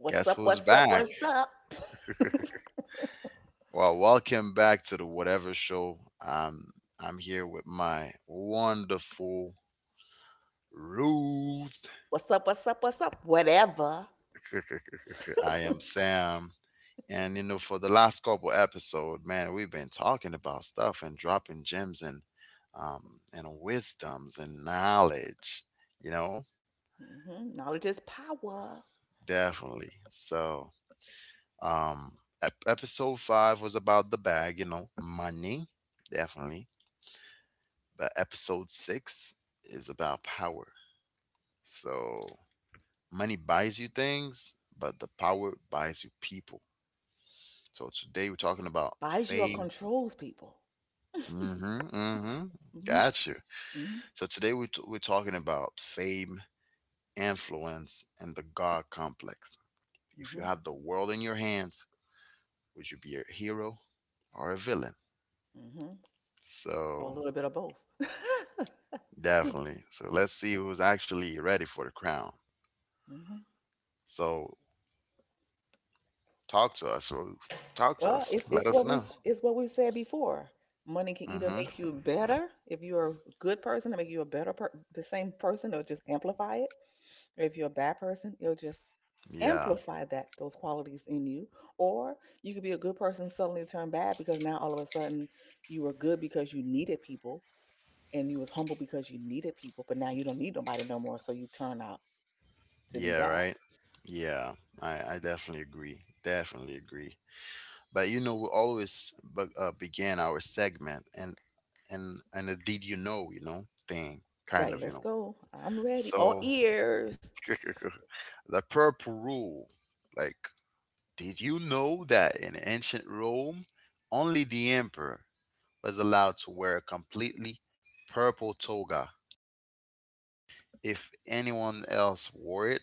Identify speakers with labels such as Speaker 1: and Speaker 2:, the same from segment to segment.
Speaker 1: What's
Speaker 2: Guess
Speaker 1: up?
Speaker 2: who's
Speaker 1: What's up?
Speaker 2: back?
Speaker 1: What's up?
Speaker 2: Well, welcome back to the Whatever Show. Um, I'm here with my wonderful Ruth.
Speaker 1: What's up? What's up? What's up? Whatever.
Speaker 2: I am Sam. And you know, for the last couple episode, man, we've been talking about stuff and dropping gems and and wisdoms and knowledge, you know?
Speaker 1: Knowledge is power.
Speaker 2: Definitely. So episode five was about the bag, you know, money, definitely. But episode six is about power. So money buys you things, but the power buys you people. So today we're talking about
Speaker 1: Buys you or
Speaker 2: fame.
Speaker 1: controls people. hmm
Speaker 2: Mm-hmm. Mm-hmm. Got you.
Speaker 1: hmm
Speaker 2: So today we're talking about fame, influence, and the God complex. If you
Speaker 1: hmm
Speaker 2: had the world in your hands, would you be a hero or a villain?
Speaker 1: hmm Or a
Speaker 2: So
Speaker 1: little bit of both. hmm
Speaker 2: definitely. So let's see who's actually ready for the crown. So talk to us, Ruth. Talk to us.
Speaker 1: Well, it's
Speaker 2: Let
Speaker 1: it's
Speaker 2: us
Speaker 1: what
Speaker 2: know.
Speaker 1: we it's what we said before. Money can either
Speaker 2: Mm-hmm.
Speaker 1: make you better if you're a good person, it make you a better the same person, it'll just amplify it. Or if you're a bad person, it'll just
Speaker 2: Yeah.
Speaker 1: amplify that those qualities in you or you could be a good person suddenly turn bad because now all of a sudden you were good because you needed people and you was humble because you needed people but now you don't need nobody no more so you turn out to be
Speaker 2: Yeah,
Speaker 1: bad.
Speaker 2: right? Yeah. I definitely agree. Definitely agree. But you know, we always began our segment and and a did you know, thing, kind
Speaker 1: Right,
Speaker 2: of, you
Speaker 1: let's
Speaker 2: know.
Speaker 1: go, I'm ready, all
Speaker 2: So
Speaker 1: ears.
Speaker 2: the purple rule, like, did you know that in ancient Rome, only the emperor was allowed to wear a completely purple toga. If anyone else wore it,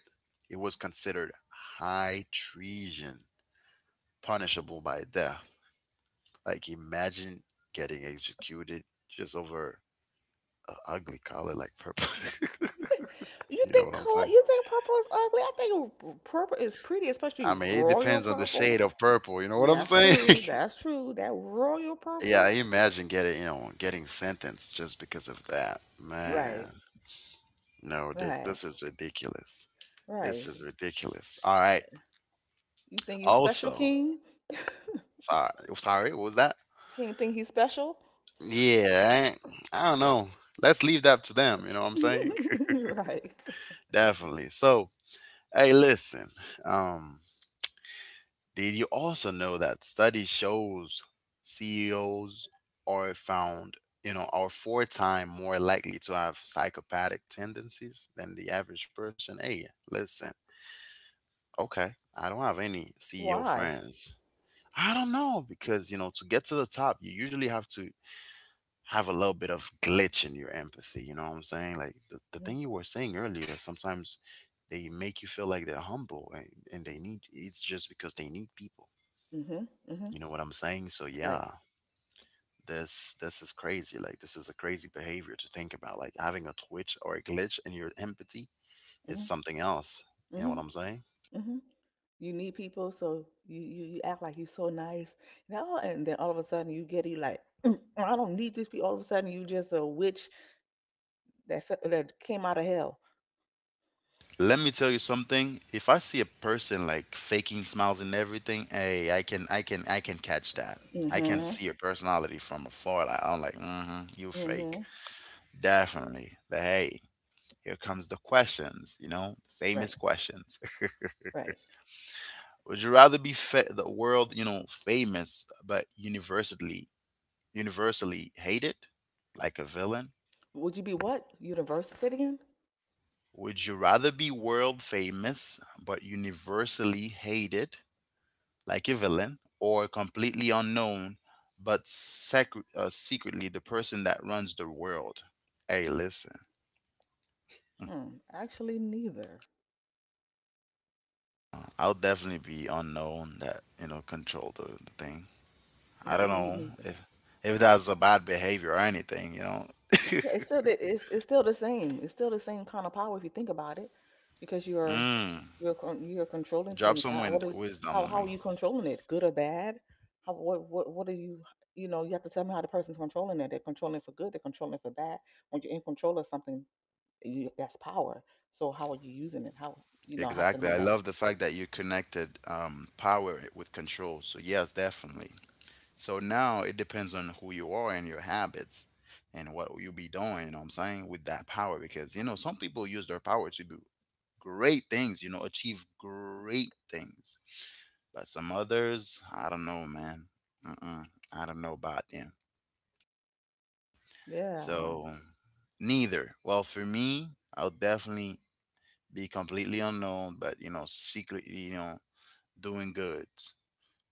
Speaker 2: it was considered high treason, punishable by death. Like, imagine getting executed just over an ugly color like purple.
Speaker 1: You
Speaker 2: You know
Speaker 1: think
Speaker 2: what I'm
Speaker 1: color,
Speaker 2: saying?
Speaker 1: you think purple is ugly? I think purple is pretty, especially
Speaker 2: I mean, it
Speaker 1: royal
Speaker 2: depends on the
Speaker 1: purple.
Speaker 2: shade of purple. You know what I'm
Speaker 1: Yeah, that's
Speaker 2: saying?
Speaker 1: true, that royal
Speaker 2: Yeah, I
Speaker 1: purple.
Speaker 2: imagine getting, you know, getting sentenced just because of that.
Speaker 1: Right,
Speaker 2: Man, no, this
Speaker 1: right,
Speaker 2: this is ridiculous. This is
Speaker 1: right.
Speaker 2: ridiculous. All right.
Speaker 1: You think you special,
Speaker 2: Also,
Speaker 1: king?
Speaker 2: sorry, sorry, what was that?
Speaker 1: King think he's special?
Speaker 2: Yeah, I don't know. Let's leave that to them. You know what I'm saying?
Speaker 1: Right.
Speaker 2: Definitely. So, hey, listen. Um, did you also know that study shows CEOs are found, you know, are four time more likely to have psychopathic tendencies than the average person? Hey, listen. Okay, I don't have any CEO
Speaker 1: Why?
Speaker 2: friends. I don't know because you know to get to the top, you usually have to have a little bit of glitch in your empathy. You know what I'm saying? Like the thing you were saying earlier, sometimes they make you feel like they're humble and they need it's just because they need people.
Speaker 1: Mm-hmm. Mm-hmm.
Speaker 2: You know what I'm saying? So
Speaker 1: Right.
Speaker 2: yeah, this is crazy. Like this is a crazy behavior to think about. Like having a twitch or a glitch in your empathy is something
Speaker 1: Mm-hmm.
Speaker 2: else. You know what I'm
Speaker 1: Mm-hmm.
Speaker 2: saying?
Speaker 1: Mm-hmm. You need people, so you act like you're so nice. And then all of a sudden you get you like, "Mm, I don't need this. People. All of a sudden you just a witch that that came out of hell."
Speaker 2: Let me tell you something. If I see a person like faking smiles and everything, hey, I can, I can, I can catch that. I can
Speaker 1: Mm-hmm.
Speaker 2: see your personality from afar. Like I'm like, mm-hmm, you fake,
Speaker 1: Mm-hmm.
Speaker 2: definitely. But hey, here comes the questions. You know, famous
Speaker 1: Right.
Speaker 2: questions.
Speaker 1: Right.
Speaker 2: Would you rather be the world, you know, famous but universally, universally hated, like a villain?
Speaker 1: Would you be what? University again?
Speaker 2: Would you rather be world famous but universally hated, like a villain, or completely unknown, but secretly the person that runs the world. Hey, listen,
Speaker 1: Hmm. Actually, neither.
Speaker 2: I'll definitely be unknown that, you know, control the thing. I don't
Speaker 1: It would be
Speaker 2: know
Speaker 1: neither.
Speaker 2: if that's a bad behavior or anything, you know.
Speaker 1: Yeah, it's still the, it's still the same. It's still the same kind of power if you think about it, because you're
Speaker 2: Mm.
Speaker 1: you're controlling
Speaker 2: Drop
Speaker 1: things.
Speaker 2: some
Speaker 1: How what are,
Speaker 2: wisdom on
Speaker 1: how are
Speaker 2: me.
Speaker 1: you controlling it? Good or bad? How what are you? You know, you have to tell me how the person's controlling it. They're controlling it for good. They're controlling it for bad. When you're in control of something, you, that's power. So how are you using it? How, you know? I have to
Speaker 2: Exactly.
Speaker 1: know
Speaker 2: I
Speaker 1: that.
Speaker 2: love the fact that you connected power with control. So, yes, definitely. So now it depends on who you are and your habits and what you be doing, you know what I'm saying, with that power. Because, you know, some people use their power to do great things, you know, achieve great things. But some others, I don't know, man. Mm-mm, I don't know about them.
Speaker 1: Yeah.
Speaker 2: So neither. Well, for me, I'll definitely be completely unknown, but, you know, secretly, you know, doing good.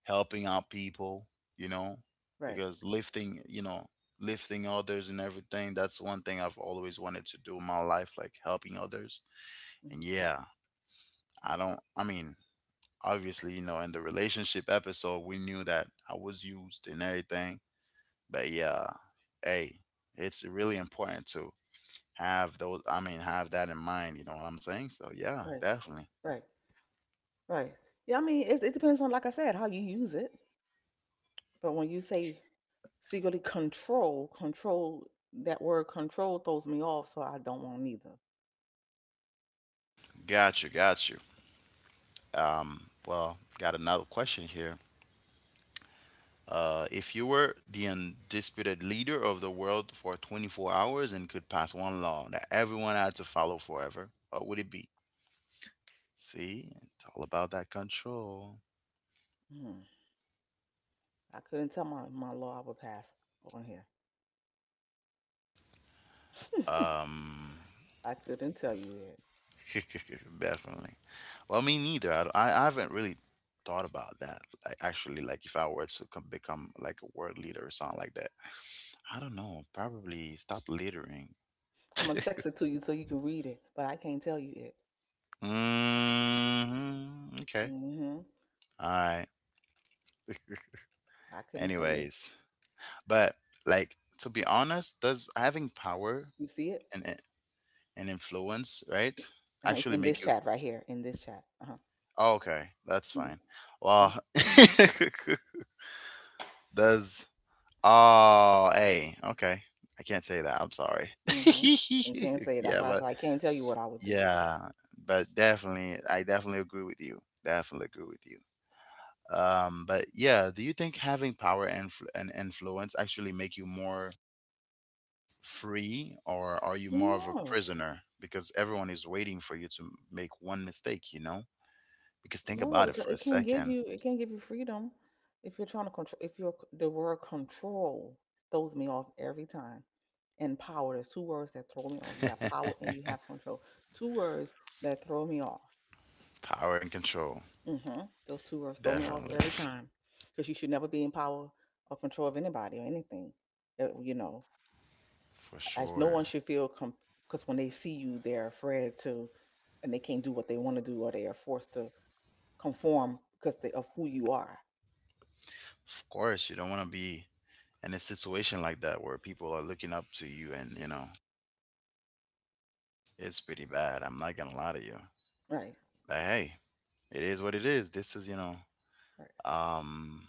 Speaker 2: Helping out people, you know,
Speaker 1: Right.
Speaker 2: because lifting, you know, lifting others and everything, that's one thing I've always wanted to do in my life, like helping others.
Speaker 1: mhm,
Speaker 2: And yeah, I don't, I mean, obviously, you know, in the relationship episode, we knew that I was used and everything. But yeah, hey, it's really important to have those, I mean, have that in mind, you know what I'm saying? So yeah,
Speaker 1: Right.
Speaker 2: definitely.
Speaker 1: Right. Right. Yeah. I mean, it depends on, like I said, how you use it. But when you say secretly control, control. That word control throws me off, so I don't want neither.
Speaker 2: Got you, got you. Um, well, got another question here. If you were the undisputed leader of the world for 24 hours and could pass one law that everyone had to follow forever, what would it be? See, it's all about that control.
Speaker 1: Hmm. I couldn't tell my my law I would pass on here.
Speaker 2: Um,
Speaker 1: I couldn't tell you that.
Speaker 2: definitely. Well, me neither. I haven't really thought about that. Like, actually, like if I were to come, become like a world leader or something like that, I don't know. Probably stop littering.
Speaker 1: I'm gonna text it to you so you can read it, but I can't tell you it.
Speaker 2: Hmm Okay.
Speaker 1: hmm
Speaker 2: All right.
Speaker 1: I couldn't tell you.
Speaker 2: Anyways. But like to be honest, does having power
Speaker 1: You see it?
Speaker 2: and i- and influence, right?
Speaker 1: Uh-huh. It's
Speaker 2: Actually
Speaker 1: in this
Speaker 2: make you
Speaker 1: chat right here. In this chat. Uh huh.
Speaker 2: oh, okay, that's fine. Well does oh hey, okay. I can't say that, I'm sorry.
Speaker 1: Mm-hmm. And can't say it. That's
Speaker 2: Yeah,
Speaker 1: why I
Speaker 2: but
Speaker 1: said I can't tell you what I would do.
Speaker 2: yeah. But definitely I definitely agree with you. Definitely agree with you. But yeah, do you think having power and and influence actually make you more free or are you more of a
Speaker 1: No.
Speaker 2: prisoner? Because everyone is waiting for you to make one mistake, you know? Because think
Speaker 1: No,
Speaker 2: about
Speaker 1: it
Speaker 2: it for
Speaker 1: it
Speaker 2: a
Speaker 1: can give
Speaker 2: second.
Speaker 1: you, it can give you freedom if you're trying to control. If you're the word control throws me off every time. And power, there's two words that throw me off. You have power and you have control. Two words that throw me off.
Speaker 2: Power and control,
Speaker 1: Hmm Those two words throw me off
Speaker 2: definitely,
Speaker 1: every time because you should never be in power or control of anybody or anything. You know,
Speaker 2: for
Speaker 1: as no
Speaker 2: sure.
Speaker 1: one should feel, because when they see you, they're afraid to and they can't do what they want to do or they are forced to conform because they, of who you are.
Speaker 2: Of course, you don't want to be in a situation like that where people are looking up to you and, you know, it's pretty bad. I'm not going to lie to you.
Speaker 1: Right.
Speaker 2: But hey, it is what it is. This is, you know,
Speaker 1: Right,
Speaker 2: um,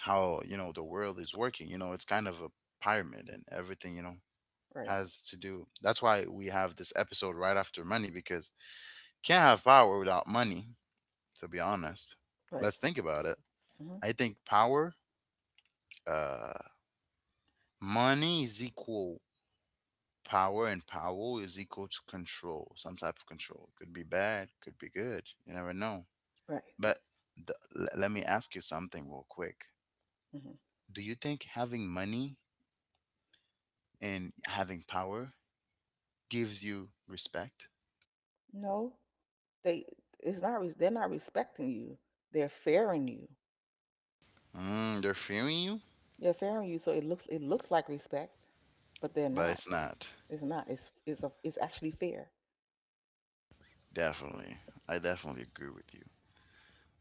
Speaker 2: how, you know, the world is working. You know, it's kind of a pyramid and everything, you know,
Speaker 1: right,
Speaker 2: has to do. That's why we have this episode right after money because can't have power without money. To be honest,
Speaker 1: right,
Speaker 2: let's think about it.
Speaker 1: hmm
Speaker 2: I think power, uh, money is equal power, and power is equal to control. Some type of control could be bad, could be good. You never know.
Speaker 1: right.
Speaker 2: But let me ask you something real quick.
Speaker 1: hmm
Speaker 2: Do you think having money and having power gives you respect?
Speaker 1: No, they it's not. Res- They're not respecting you. They're fairing you.
Speaker 2: Mm, they're fearing you,
Speaker 1: They're fairing you, so it looks, it looks like respect, but they're
Speaker 2: but
Speaker 1: not.
Speaker 2: it's not.
Speaker 1: It's not. It's a, it's actually fair.
Speaker 2: Definitely. I definitely agree with you.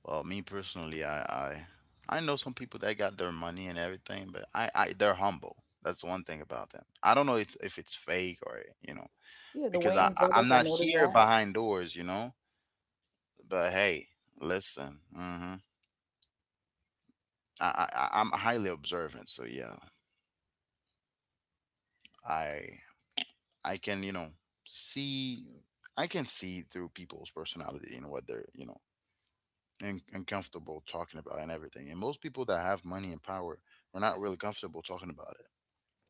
Speaker 2: Well, me personally, I know some people that got their money and everything, but I they're humble. That's the one thing about them. I don't know it's, if it's fake or you know
Speaker 1: Yeah, the
Speaker 2: because I
Speaker 1: Wayne's
Speaker 2: I- I'm
Speaker 1: brothers. I
Speaker 2: not
Speaker 1: noticed
Speaker 2: here
Speaker 1: that.
Speaker 2: behind doors, you know. But hey, listen, hmm, I'm highly observant, so yeah, I I can you know see I can see through people's personality and what they're you know and comfortable talking about and everything. And most people that have money and power are not really comfortable talking about it,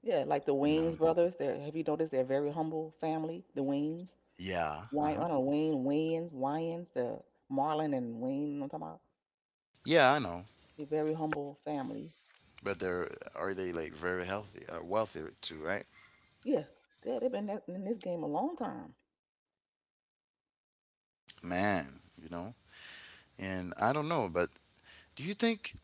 Speaker 1: Yeah, like the
Speaker 2: you know?
Speaker 1: Wayne's brothers. They're, have you noticed they're a very humble family? The Waynes,
Speaker 2: Yeah, uh
Speaker 1: Wayne, I
Speaker 2: huh.
Speaker 1: don't know, Wayne, Wayans, Wyans, the Marlon and Wayne. You know what I'm talking about.
Speaker 2: Yeah, I know.
Speaker 1: They're very humble family.
Speaker 2: But they're, are they like very wealthy too, right?
Speaker 1: Yeah, yeah, they've been in this game a long time.
Speaker 2: Man, you know? And I don't know, but do you think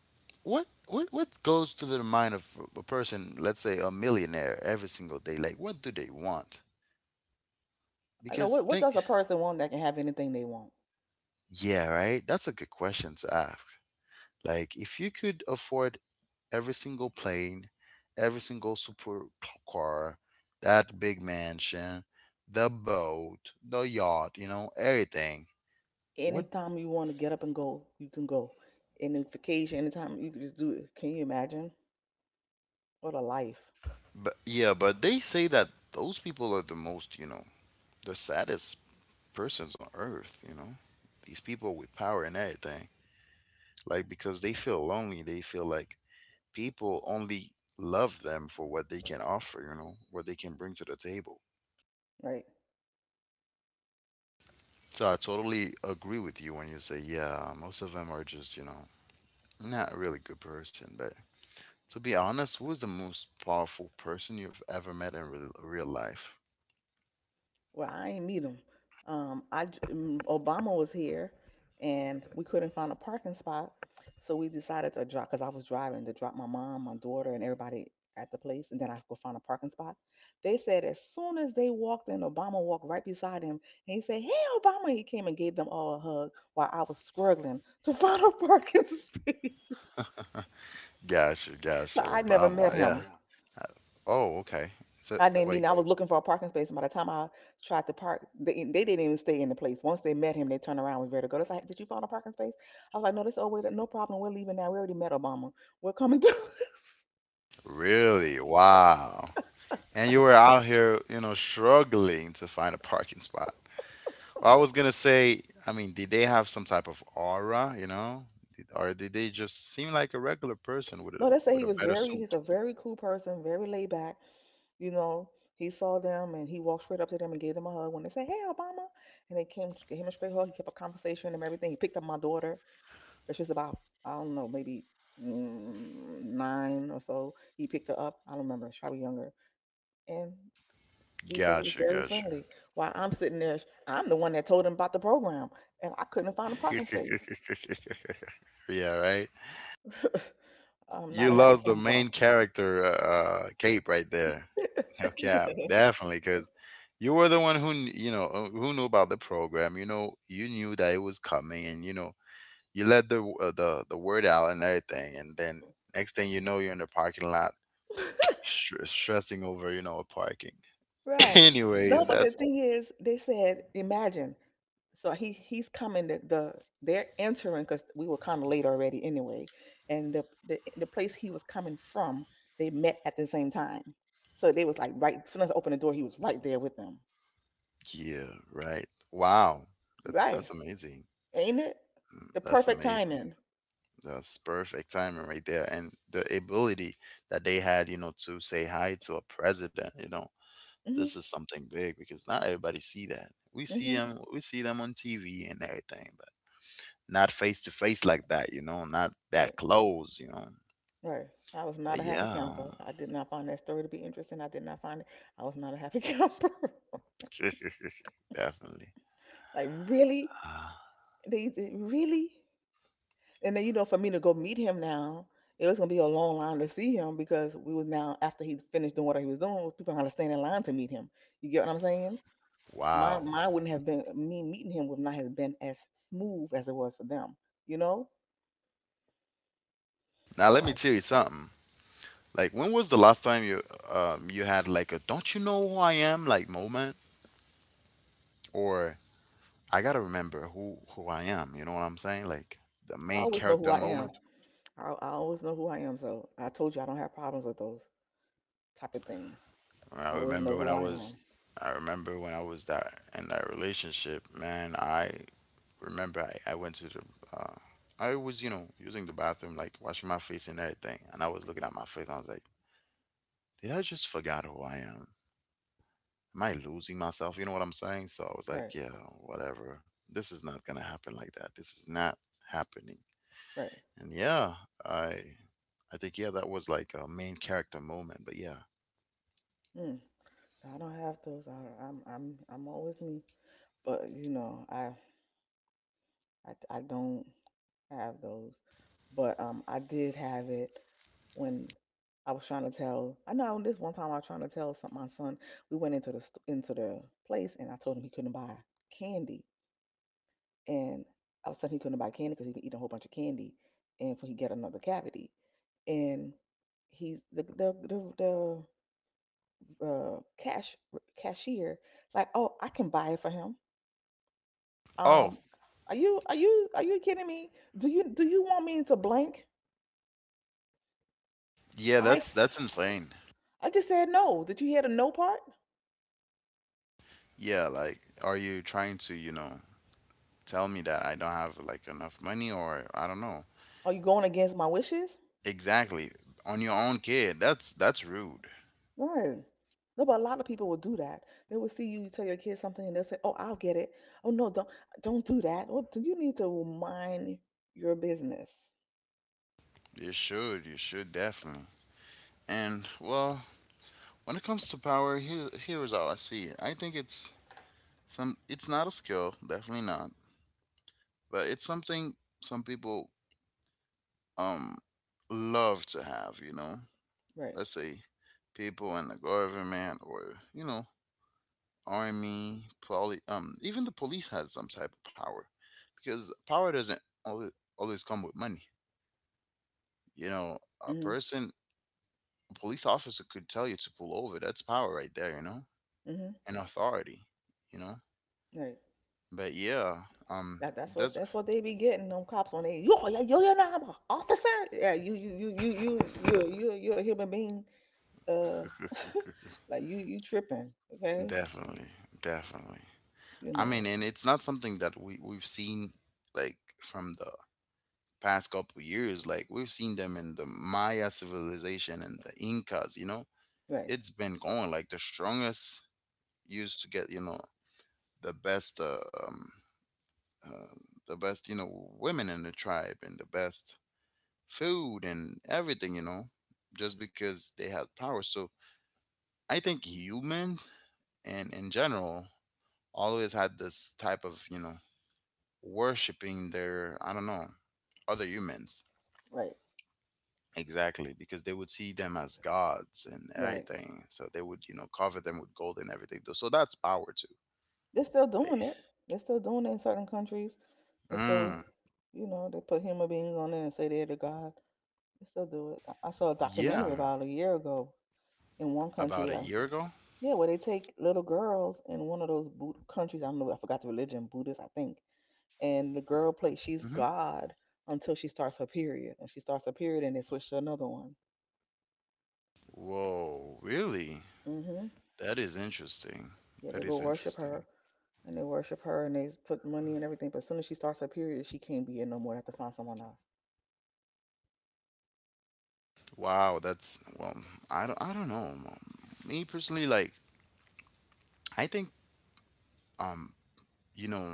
Speaker 2: what goes through the mind of a person, let's say a millionaire every single day? Like, what do they want?
Speaker 1: I know,
Speaker 2: Because
Speaker 1: what
Speaker 2: think,
Speaker 1: does a person want that can have anything they want?
Speaker 2: yeah, right? That's a good question to ask. Like, if you could afford every single plane, every single supercar, that big mansion, the boat, the yacht, you know, everything. What?
Speaker 1: Anytime you want to get up and go, you can go. Any vacation, anytime you can just do it. Can you imagine? What a life,
Speaker 2: But yeah, but they say that those people are the most, you know, the saddest persons on earth, you know? These people with power and everything. Like, because they feel lonely, they feel like people only love them for what they can offer, you know, what they can bring to the table.
Speaker 1: right?
Speaker 2: So I totally agree with you when you say, yeah, most of them are just, you know, not a really good person, but to be honest, who is the most powerful person you've ever met in real, real life?
Speaker 1: Well, I ain't meet him. I Obama was here, and we couldn't find a parking spot, so we decided to drop because I was driving to drop my mom, my daughter, and everybody at the place, and then I go find a parking spot. They said as soon as they walked in, Obama walked right beside him, and he said, "Hey, Obama!" He came and gave them all a hug while I was struggling to find a parking space.
Speaker 2: Gotcha,
Speaker 1: So
Speaker 2: gotcha.
Speaker 1: I never met
Speaker 2: Obama, yeah.
Speaker 1: him.
Speaker 2: Uh, oh, okay. So,
Speaker 1: I didn't mean
Speaker 2: wait.
Speaker 1: I was looking for a parking space, and by the time I tried to park, they didn't even stay in the place. Once they met him, they turned around and was ready to go. It's like, did you find a parking space? I was like, no, this, oh wait, no problem. We're leaving now. We already met Obama. We're coming through.
Speaker 2: Really? Wow. And you were out here, you know, struggling to find a parking spot. Well, I was gonna say, I mean, did they have some type of aura, you know? Or did they just seem like a regular person
Speaker 1: No, they say he
Speaker 2: with a
Speaker 1: was
Speaker 2: better
Speaker 1: very. He's
Speaker 2: suit?
Speaker 1: a very cool person, very laid back. You know, he saw them and he walked straight up to them and gave them a hug. When they said, hey, Obama, and they came, gave him a straight hug. He kept a conversation and everything. He picked up my daughter. 'Cause she's about, I don't know, maybe, nine or so. He picked her up. I don't remember. She probably younger. And. He said he was
Speaker 2: Gotcha,
Speaker 1: very
Speaker 2: gotcha.
Speaker 1: friendly. While I'm sitting there, I'm the one that told him about the program, and I couldn't find a parking space.
Speaker 2: Yeah, right.
Speaker 1: I'm not
Speaker 2: You
Speaker 1: a happy
Speaker 2: lost the
Speaker 1: camper.
Speaker 2: main character cape right there. Okay, definitely, because you were the one who you know who knew about the program. You know, you knew that it was coming, and you know you let the word out and everything, and then next thing you know, you're in the parking lot
Speaker 1: Yeah.
Speaker 2: stressing over you know parking.
Speaker 1: Right. No,
Speaker 2: Anyways,
Speaker 1: but the
Speaker 2: that's
Speaker 1: thing is, they said, imagine. So he he's coming. The they're entering because we were kind of late already anyway, and the, the place he was coming from, they met at the same time. So they was like right. As soon as I opened the door, he was right there with them.
Speaker 2: yeah, right. Wow,
Speaker 1: Right,
Speaker 2: that's amazing.
Speaker 1: ain't it?
Speaker 2: Mm,
Speaker 1: The
Speaker 2: that's
Speaker 1: perfect
Speaker 2: amazing.
Speaker 1: timing.
Speaker 2: That's perfect timing right there. And the ability that they had, you know, to say hi to a president, you know, this
Speaker 1: Mm-hmm.
Speaker 2: is something big because not everybody see that.
Speaker 1: Mm-hmm.
Speaker 2: We see them on TV and everything, but not face to face like that, you know, not
Speaker 1: Right.
Speaker 2: that close, you know.
Speaker 1: Right. I was
Speaker 2: But
Speaker 1: not a happy
Speaker 2: yeah,
Speaker 1: camper. I did not find that story to be interesting. I did not find it. I was not a happy camper.
Speaker 2: definitely.
Speaker 1: Like really?
Speaker 2: Ah,
Speaker 1: They really? And then, you know, for me to go meet him now, it was gonna be a long line to see him because we was now after he finished doing what he was doing, people had to stand in line to meet him. You get what I'm saying? My
Speaker 2: wow.
Speaker 1: mine wouldn't have been, me meeting him would not have been as smooth as it was for them. You know?
Speaker 2: Now let me
Speaker 1: So
Speaker 2: tell you something. Like, when was the last time you you had like a "Don't you know who I am" like moment, or I gotta remember who I am? You know what I'm saying? Like the
Speaker 1: I
Speaker 2: main
Speaker 1: always know who
Speaker 2: character
Speaker 1: I am.
Speaker 2: moment.
Speaker 1: I always know who I am. So I told you I don't have problems with those type of things.
Speaker 2: I
Speaker 1: I always know
Speaker 2: remember when
Speaker 1: who
Speaker 2: I
Speaker 1: I
Speaker 2: was,
Speaker 1: am.
Speaker 2: I remember when I was that in that relationship. Man, I remember I went to the, uh, I was, you know, using the bathroom, like washing my face and everything, and I was looking at my face. And I was like, did I just forgot who I am? Am I losing myself? You know what I'm saying? So I was
Speaker 1: Right,
Speaker 2: like, yeah, whatever. This is not gonna happen like that. This is not happening.
Speaker 1: right.
Speaker 2: And yeah, I I think yeah, that was like a main character moment, but yeah.
Speaker 1: Mm. I don't have those. I, I'm always me. But you know, I don't have those. But I did have it when I was trying to tell. I know this one time I was trying to tell some, my son. We went into the into the place, and I told him he couldn't buy candy, and I was telling him he couldn't buy candy because he'd been eating a whole bunch of candy, and so he get another cavity, and he's the cash cashier like, "Oh, I can buy it for him."
Speaker 2: Oh,
Speaker 1: um are you, are you kidding me? Do you, want me to blank?
Speaker 2: yeah,
Speaker 1: i s-
Speaker 2: that's insane.
Speaker 1: I just said no. Did you hear the no part?
Speaker 2: Yeah, like are you trying to, you know, tell me that I don't have like enough money or I don't know.
Speaker 1: Are you going against my wishes?
Speaker 2: Exactly. On your own kid. That's rude.
Speaker 1: Right. No, but a lot of people will do that. They will see you tell your kids something and they'll say, "Oh, I'll get it." Oh no, don't, don't do that. What do you need to mind your business?
Speaker 2: You should definitely. And well, when it comes to power, here is how I see it. I think it's some, it's not a skill, definitely not. But it's something some people um love to have, you know?
Speaker 1: Right.
Speaker 2: Let's say people in the government, or, you know, army, probably, um, even the police has some type of power, because power doesn't always come with money, you know. a
Speaker 1: Mm-hmm.
Speaker 2: person a police officer could tell you to pull over. That's power right there, you know,
Speaker 1: Mm-hmm.
Speaker 2: and authority, you know.
Speaker 1: Right.
Speaker 2: But yeah, um,
Speaker 1: That
Speaker 2: it
Speaker 1: that's what,
Speaker 2: does.
Speaker 1: that's what they be getting them cops when they, "Yo yo yo yo, nah, I'm a officer." Yeah, you a human being. uh like, you tripping, okay?
Speaker 2: Definitely, definitely.
Speaker 1: You
Speaker 2: I
Speaker 1: know,
Speaker 2: mean, and it's not something that we've seen like from the past couple years. Like we've seen them in the Maya civilization and the Incas. You know,
Speaker 1: right,
Speaker 2: it's been going, like, the strongest used to get, you know, the best uh, the best, you know, women in the tribe and the best food and everything. You know, just because they had power. So I think humans and in general always had this type of, you know, worshiping their, I don't know, other humans.
Speaker 1: right,
Speaker 2: Exactly, because they would see them as gods and
Speaker 1: right,
Speaker 2: everything. So they would, you know, cover them with gold and everything. So that's power too.
Speaker 1: they're still
Speaker 2: But,
Speaker 1: doing it. They're still doing it in certain countries. They still,
Speaker 2: mm,
Speaker 1: you know, they put human beings on there and say they're the god. They still do it. I saw a
Speaker 2: yeah,
Speaker 1: documentary about a year ago in one
Speaker 2: about a
Speaker 1: country.
Speaker 2: year ago.
Speaker 1: Yeah, where they take little girls in one of those boot countries. I don't know, I forgot the religion, Buddhist I think, and the girl plays she's
Speaker 2: Hmm.
Speaker 1: God until she starts her period. When she starts her period, and they switch to another one.
Speaker 2: Whoa, really?
Speaker 1: Hmm
Speaker 2: That is interesting.
Speaker 1: Yeah,
Speaker 2: That
Speaker 1: they
Speaker 2: is
Speaker 1: go worship
Speaker 2: interesting.
Speaker 1: her, and they worship her, and they put money and everything. But as soon as she starts her period, she can't be in no more. They have to find someone else.
Speaker 2: Wow, that's, well, I don't know. Me personally, like, I think, um, you know,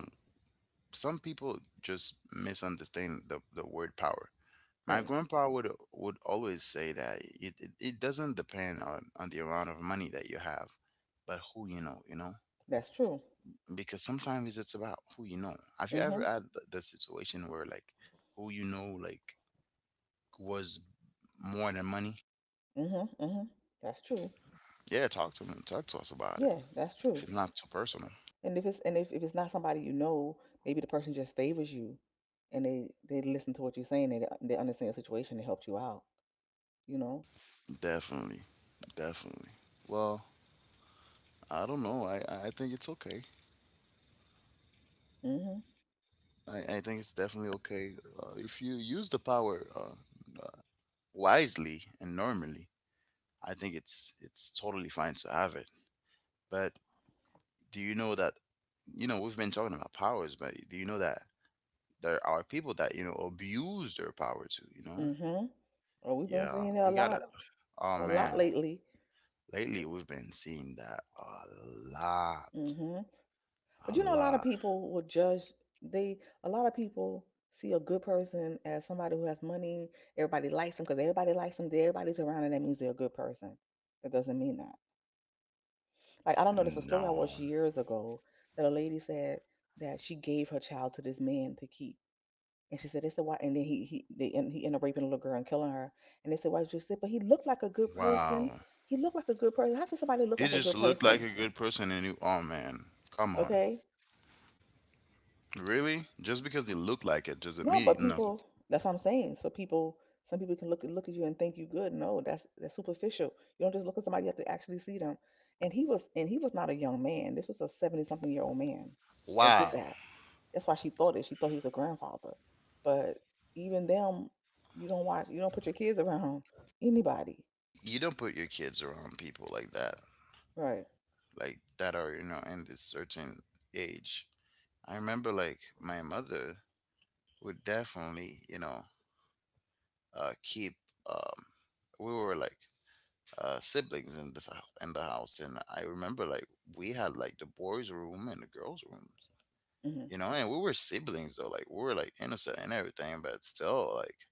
Speaker 2: some people just misunderstand the word power. My
Speaker 1: Right.
Speaker 2: grandpa would always say that it doesn't depend on the amount of money that you have, but who you know, you know?
Speaker 1: That's true.
Speaker 2: Because sometimes it's about who you know. Have you ever
Speaker 1: Mhm.
Speaker 2: had the situation where, like, who you know, like, was more than money?
Speaker 1: Mhm. Mhm. That's true.
Speaker 2: Yeah, talk to me. Talk to us about it.
Speaker 1: Yeah, that's
Speaker 2: If
Speaker 1: true.
Speaker 2: it's not too personal.
Speaker 1: And if it's not somebody you know, maybe the person just favors you, and they listen to what you're saying, and they understand the situation, they helped you out. You know.
Speaker 2: Definitely. Definitely. Well, I don't know. I think it's okay.
Speaker 1: Mhm.
Speaker 2: I think it's definitely okay. If you use the power wisely and normally, I think it's totally fine to have it. But do you know that, you know, we've been talking about powers, but do you know that there are people that, you know, abuse their power too? You know,
Speaker 1: Mhm. Well, we've been
Speaker 2: yeah,
Speaker 1: seeing it a
Speaker 2: we gotta.
Speaker 1: lot.
Speaker 2: Oh
Speaker 1: A lot
Speaker 2: man,
Speaker 1: lately.
Speaker 2: lately we've been seeing that a lot,
Speaker 1: hmm
Speaker 2: a
Speaker 1: But you know, a lot of
Speaker 2: lot.
Speaker 1: people will judge. They A lot of people see a good person as somebody who has money. Everybody likes them because everybody likes them. Everybody's around, and that means they're a good person. That doesn't mean that. Like I don't know. There's a story I
Speaker 2: No,
Speaker 1: watched years ago that a lady said that she gave her child to this man to keep. And she said, "It's said why?" And then he they, and he ended up raping a little girl and killing her. And they said, "Why did you say?" But he looked like a good person.
Speaker 2: wow,
Speaker 1: He looked like a good person. How can somebody look
Speaker 2: you
Speaker 1: like a
Speaker 2: just
Speaker 1: good
Speaker 2: look like
Speaker 1: person?
Speaker 2: a good person, and you. Oh man, come on,
Speaker 1: Okay.
Speaker 2: really? Just because they look like it doesn't
Speaker 1: No,
Speaker 2: mean
Speaker 1: but
Speaker 2: no.
Speaker 1: people, that's what I'm saying. So people, some people can look at you and think you good. No, that's superficial. You don't just look at somebody, you have to actually see them. And he was not a young man. This was a 70 something year old man that did
Speaker 2: Wow,
Speaker 1: that. That's why she thought it. She thought he was a grandfather. But even them, you don't watch, you don't put your kids around anybody.
Speaker 2: you don't put your kids around people like that,
Speaker 1: Right.
Speaker 2: like that are, you know, in this certain age. I remember, like, my mother would definitely, you know, keep, um, we were like, uh, siblings in this in the house, and I remember, like, we had like the boys room and the girls room,
Speaker 1: hmm
Speaker 2: you know, and we were siblings though, like we were like innocent and everything, but still, like,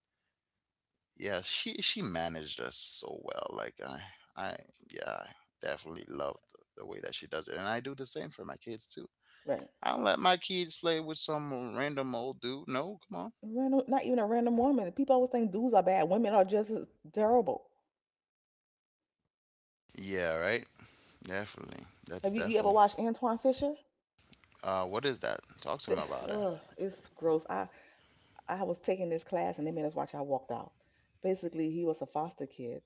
Speaker 2: yeah, she managed us so well, like I yeah, I definitely love the way that she does it, and I do the same for my kids too.
Speaker 1: Right.
Speaker 2: I don't let my kids play with some random old dude. No, come on.
Speaker 1: Random, not even a random woman. People always think dudes are bad. Women are just as terrible.
Speaker 2: Yeah, right. Definitely.
Speaker 1: Have
Speaker 2: That's
Speaker 1: you, you ever
Speaker 2: definitely.
Speaker 1: watched Antoine Fisher?
Speaker 2: What is that? Talk to
Speaker 1: Th-
Speaker 2: me about it.
Speaker 1: Ugh, it's gross. I was taking this class and they made us watch I Walked Out. Basically, he was a foster kid,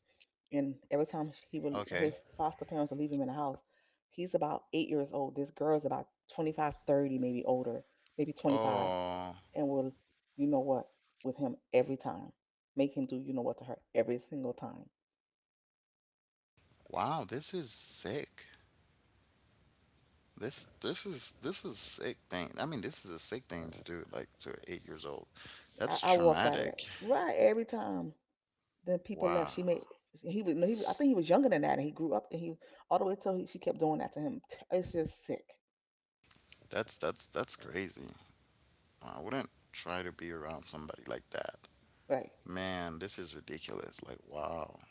Speaker 1: and every time
Speaker 2: Okay.
Speaker 1: his foster parents would leave him in the house, he's about 8 years old. This girl's about 25, 30, maybe older, maybe 25,
Speaker 2: Oh,
Speaker 1: and will, you know what, with him every time. Make him do, you know what, to her every single time.
Speaker 2: wow. This is sick. This this is sick thing. I mean, this is a sick thing to do. Like to 8 years old.
Speaker 1: I,
Speaker 2: That's
Speaker 1: I walked out of that.
Speaker 2: traumatic.
Speaker 1: Right, every time. Then people left.
Speaker 2: Wow.
Speaker 1: He was, no, he was, I think he was younger than that, and he grew up, all the way till he, she kept doing that to him. It's just sick.
Speaker 2: That's That's crazy. Wow, I wouldn't try to be around somebody like that.
Speaker 1: Right.
Speaker 2: Man, this is ridiculous. Like, wow.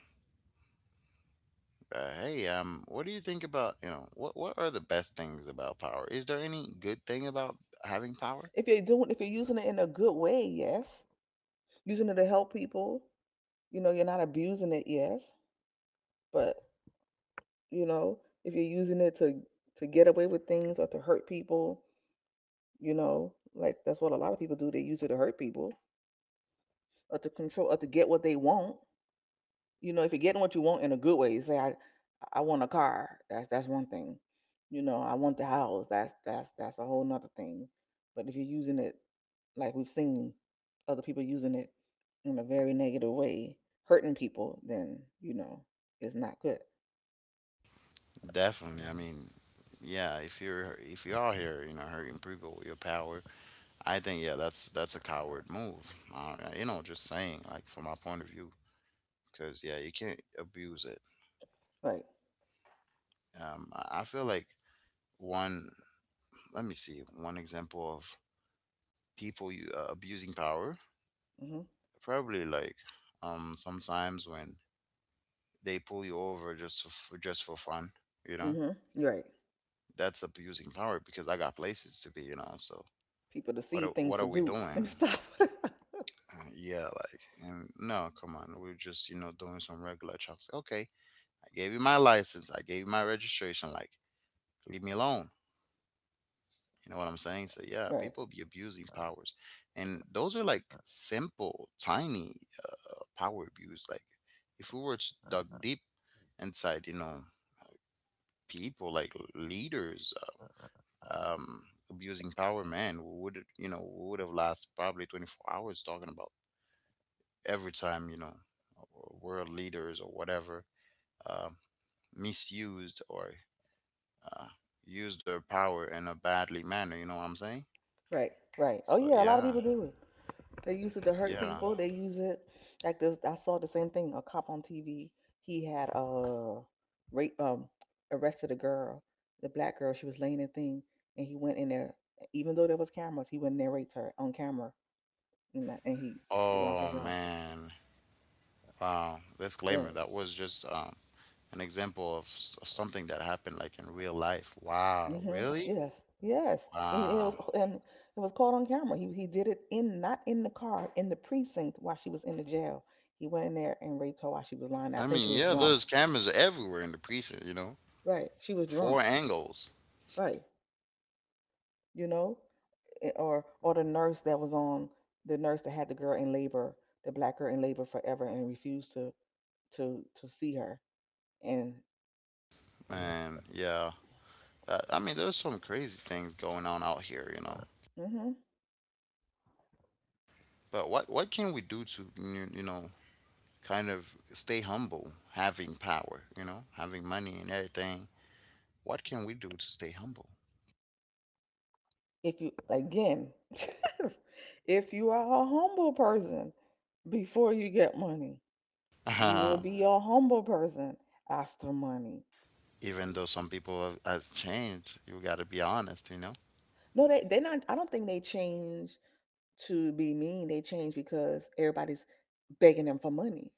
Speaker 2: Uh, hey, what do you think about, you know, what are the best things about power? Is there any good thing about having power?
Speaker 1: If you're doing, if you're using it in a good way, yes. Using it to help people, you know, you're not abusing it, yes. But you know, if you're using it to get away with things or to hurt people, you know, like that's what a lot of people do. They use it to hurt people or to control or to get what they want. You know, if you're getting what you want in a good way, you say, I want a car. That's one thing. You know, I want the house. That's a whole nother thing. But if you're using it like we've seen other people using it in a very negative way, hurting people, then you know it's not good.
Speaker 2: Definitely. I mean, yeah, if you're if you are here, you know, hurting people with your power, I think yeah, that's a coward move. You know, just saying, like, from my point of view, because yeah, you can't abuse it.
Speaker 1: Right.
Speaker 2: I feel like one. Let me see one example of people abusing power.
Speaker 1: Mhm.
Speaker 2: Probably like, um, sometimes when they pull you over just for just for fun, you know.
Speaker 1: Mhm. Right.
Speaker 2: That's abusing power, because I got places to be, you know. So
Speaker 1: People to see things
Speaker 2: what are
Speaker 1: to
Speaker 2: we
Speaker 1: do.
Speaker 2: doing?
Speaker 1: Let me stop.
Speaker 2: Yeah, like, and no, come on, we're just, you know, doing some regular checks. Okay, I gave you my license, I gave you my registration, like, leave me alone. You know what I'm saying? So yeah,
Speaker 1: Right.
Speaker 2: people be abusing powers, and those are like simple tiny, power abuse. Like, if we were to dug deep inside, you know, people like leaders, um, abusing power, man, would, you know, would have lasted probably 24 hours talking about every time, you know, world leaders or whatever, uh, misused or uh, used their power in a badly manner. You know what I'm saying?
Speaker 1: Right. Right. Oh
Speaker 2: So
Speaker 1: yeah, a lot of
Speaker 2: yeah,
Speaker 1: people do it. They use it to hurt
Speaker 2: yeah.
Speaker 1: people. They use it like this. I saw the same thing. A cop on TV. He had rape arrested a girl, the black girl. She was laying in thing, and he went in there. Even though there was cameras, he went in there and raped her on camera, and he he lost
Speaker 2: Oh
Speaker 1: his job.
Speaker 2: man, wow. Disclaimer.
Speaker 1: Right.
Speaker 2: That was just, an example of something that happened like in real life. Wow,
Speaker 1: Mhm.
Speaker 2: really?
Speaker 1: Yes. Yes. And, and it
Speaker 2: Wow.
Speaker 1: was and it was caught on camera. He did it in not in the car in the precinct while she was in the jail. He went in there and raped her while she was lying there. I
Speaker 2: I
Speaker 1: think she
Speaker 2: mean,
Speaker 1: was
Speaker 2: yeah,
Speaker 1: drunk.
Speaker 2: there's cameras everywhere in the precinct, you know.
Speaker 1: Right. She was drunk.
Speaker 2: Four angles.
Speaker 1: Right. You know, or the nurse that was on the nurse that had the girl in labor, the black girl in labor forever, and refused to to see her. And
Speaker 2: And yeah, that, I mean, there's some crazy things going on out here, you know.
Speaker 1: hmm
Speaker 2: But what can we do to you, you know, kind of stay humble, having power, you know, having money and everything? What can we do to stay humble?
Speaker 1: if you again, if you are a humble person before you get money, you will be a humble person after money.
Speaker 2: Even though some people have has changed, you got to be honest, you know.
Speaker 1: No, they not. I don't think they change to be mean. They change because everybody's begging them for money,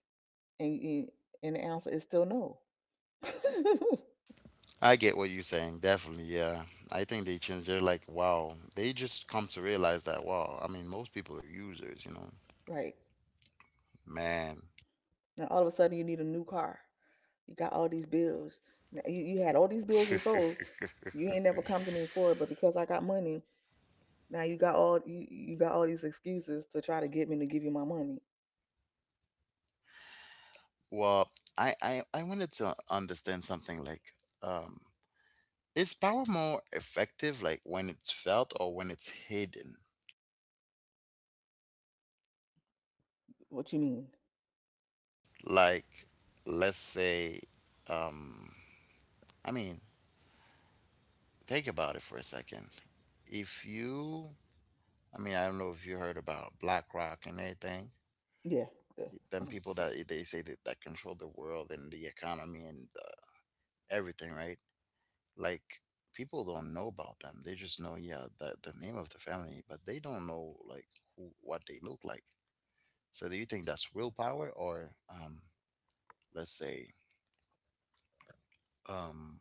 Speaker 1: and you- and the answer is still no.
Speaker 2: I get what you're saying, definitely. Yeah, I think they change. They're like, wow, they just come to realize that, wow. I mean, most people are users, you know.
Speaker 1: Right.
Speaker 2: Man,
Speaker 1: Now all of a sudden you need a new car. You got all these bills. Now, you had all these bills before. You ain't never come to me for it, but because I got money, now you got you got all these excuses to try to get me to give you my money.
Speaker 2: well, I wanted to understand something, like, um, is power more effective, like, when it's felt or when it's hidden?
Speaker 1: What you mean?
Speaker 2: Like, let's say, um, I mean, think about it for a second. If you, I mean, I don't know if you heard about BlackRock and everything,
Speaker 1: Yeah, yeah.
Speaker 2: them
Speaker 1: Uh-huh.
Speaker 2: people that they say that control the world and the economy, and, everything, right? Like, people don't know about them, they just know, yeah, the name of the family, but they don't know like who, what they look like. So do you think that's willpower, or, um, let's say, um,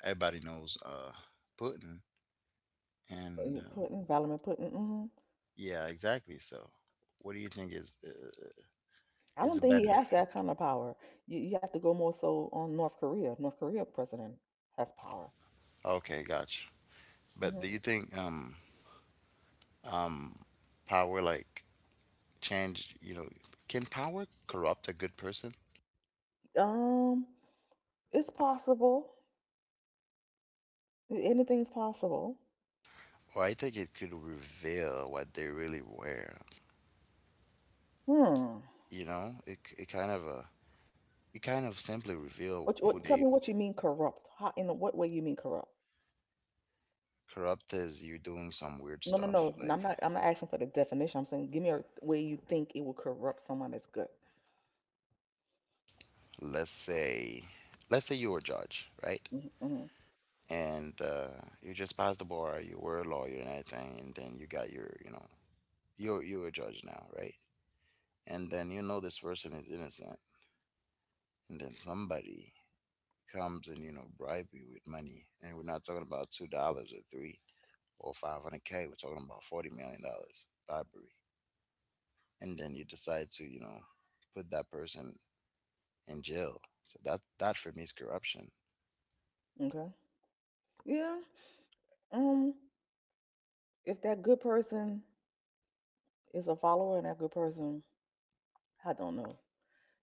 Speaker 2: everybody knows, uh, Putin, and,
Speaker 1: Yeah, Putin, Vladimir Putin. Hmm.
Speaker 2: yeah, exactly. So what do you think is,
Speaker 1: I
Speaker 2: is
Speaker 1: don't think he
Speaker 2: better?
Speaker 1: has that kind of power. You have to go more so on North Korea. North Korea president has power.
Speaker 2: Okay, gotcha. But do you
Speaker 1: Hmm.
Speaker 2: think, um, um, power, like, change, you know, can power corrupt a good person?
Speaker 1: Um, it's possible. Anything's possible.
Speaker 2: Well, I think it could reveal what they really were.
Speaker 1: Hmm.
Speaker 2: You know, it kind of, it kind of simply reveal who
Speaker 1: Tell me
Speaker 2: they are.
Speaker 1: what you mean corrupt. How, in what way you mean corrupt?
Speaker 2: Corrupt is you doing some weird
Speaker 1: No, no, no.
Speaker 2: stuff. Like,
Speaker 1: I'm not. I'm not asking for the definition. I'm saying, give me a way you think it will corrupt someone that's good.
Speaker 2: let's say, let's say you were a judge, right?
Speaker 1: Mm-hmm, mm-hmm.
Speaker 2: And, you just passed the bar. You were a lawyer and everything, and then you got your, you know, you're a judge now, right? And then you know this person is innocent, and then somebody comes and, you know, bribe you with money, and we're not talking about $2 or three or 500K, we're talking about 40 million dollars bribery. And then you decide to, you know, put that person in jail. So that, that for me is corruption.
Speaker 1: Okay. Yeah. Um. If that good person is a follower and that good person, I don't know.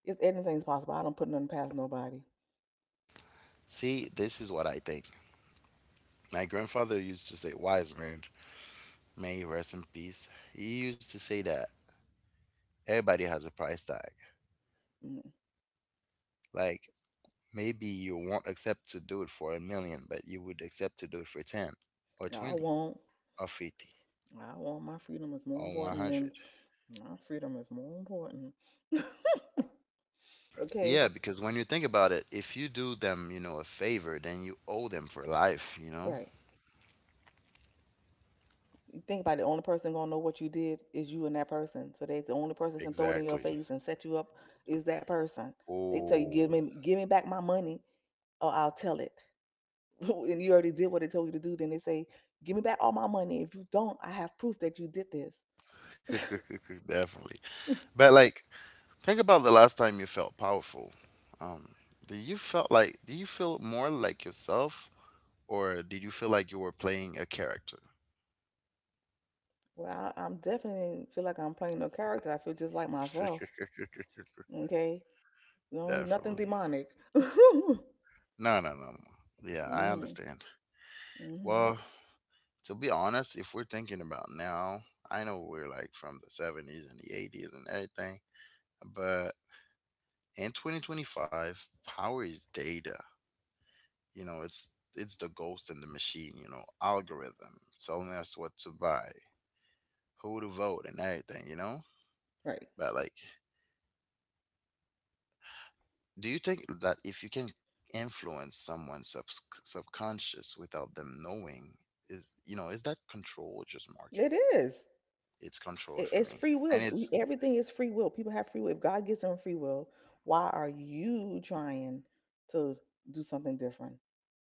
Speaker 1: If anything's possible, I don't put nothing past nobody.
Speaker 2: See, this is what I think. My grandfather used to say, wise man, may he rest in peace, he used to say that everybody has a price tag.
Speaker 1: Mm,
Speaker 2: Like, maybe you won't accept to do it for a million, but you would accept to do it for 10 or
Speaker 1: I
Speaker 2: 20
Speaker 1: won't.
Speaker 2: or 50
Speaker 1: I won't. My freedom is more
Speaker 2: or
Speaker 1: important than
Speaker 2: 100.
Speaker 1: my freedom is more important. Okay.
Speaker 2: Yeah, because when you think about it, if you do them, you know, a favor, then you owe them for life, you know?
Speaker 1: Right. Think about it. The only person gonna know what you did is you and that person. So they the only person can throw it in your
Speaker 2: Exactly.
Speaker 1: face and set you up is that person. They tell you
Speaker 2: Oh,
Speaker 1: give me back my money or I'll tell it. And you already did what they told you to do. Then they say give me back all my money. If you don't, I have proof that you did this.
Speaker 2: definitely. But like, think about the last time you felt powerful. Um, do you feel more like yourself, or did you feel like you were playing a character?
Speaker 1: Well, I'm definitely feel like I'm playing no character. I feel just like myself. Okay, you know, nothing
Speaker 2: Definitely.
Speaker 1: demonic. Mhm,
Speaker 2: No, no, no. No. Yeah, I understand.
Speaker 1: mhm,
Speaker 2: Well, to be honest, if we're thinking about now, I know we're like from the 70s and the 80s and everything, but in 2025, power is data. You know, it's the ghost in the machine, you know, algorithm telling us what to buy, who to vote and everything, you know?
Speaker 1: right.
Speaker 2: But like, do you think that if you can influence someone's subconscious without them knowing is is that control or just
Speaker 1: It
Speaker 2: marketing?
Speaker 1: is.
Speaker 2: It's control for
Speaker 1: It's
Speaker 2: me.
Speaker 1: free will.
Speaker 2: And it's...
Speaker 1: Everything is free will. People have free will. If God gives them free will, why are you trying to do something different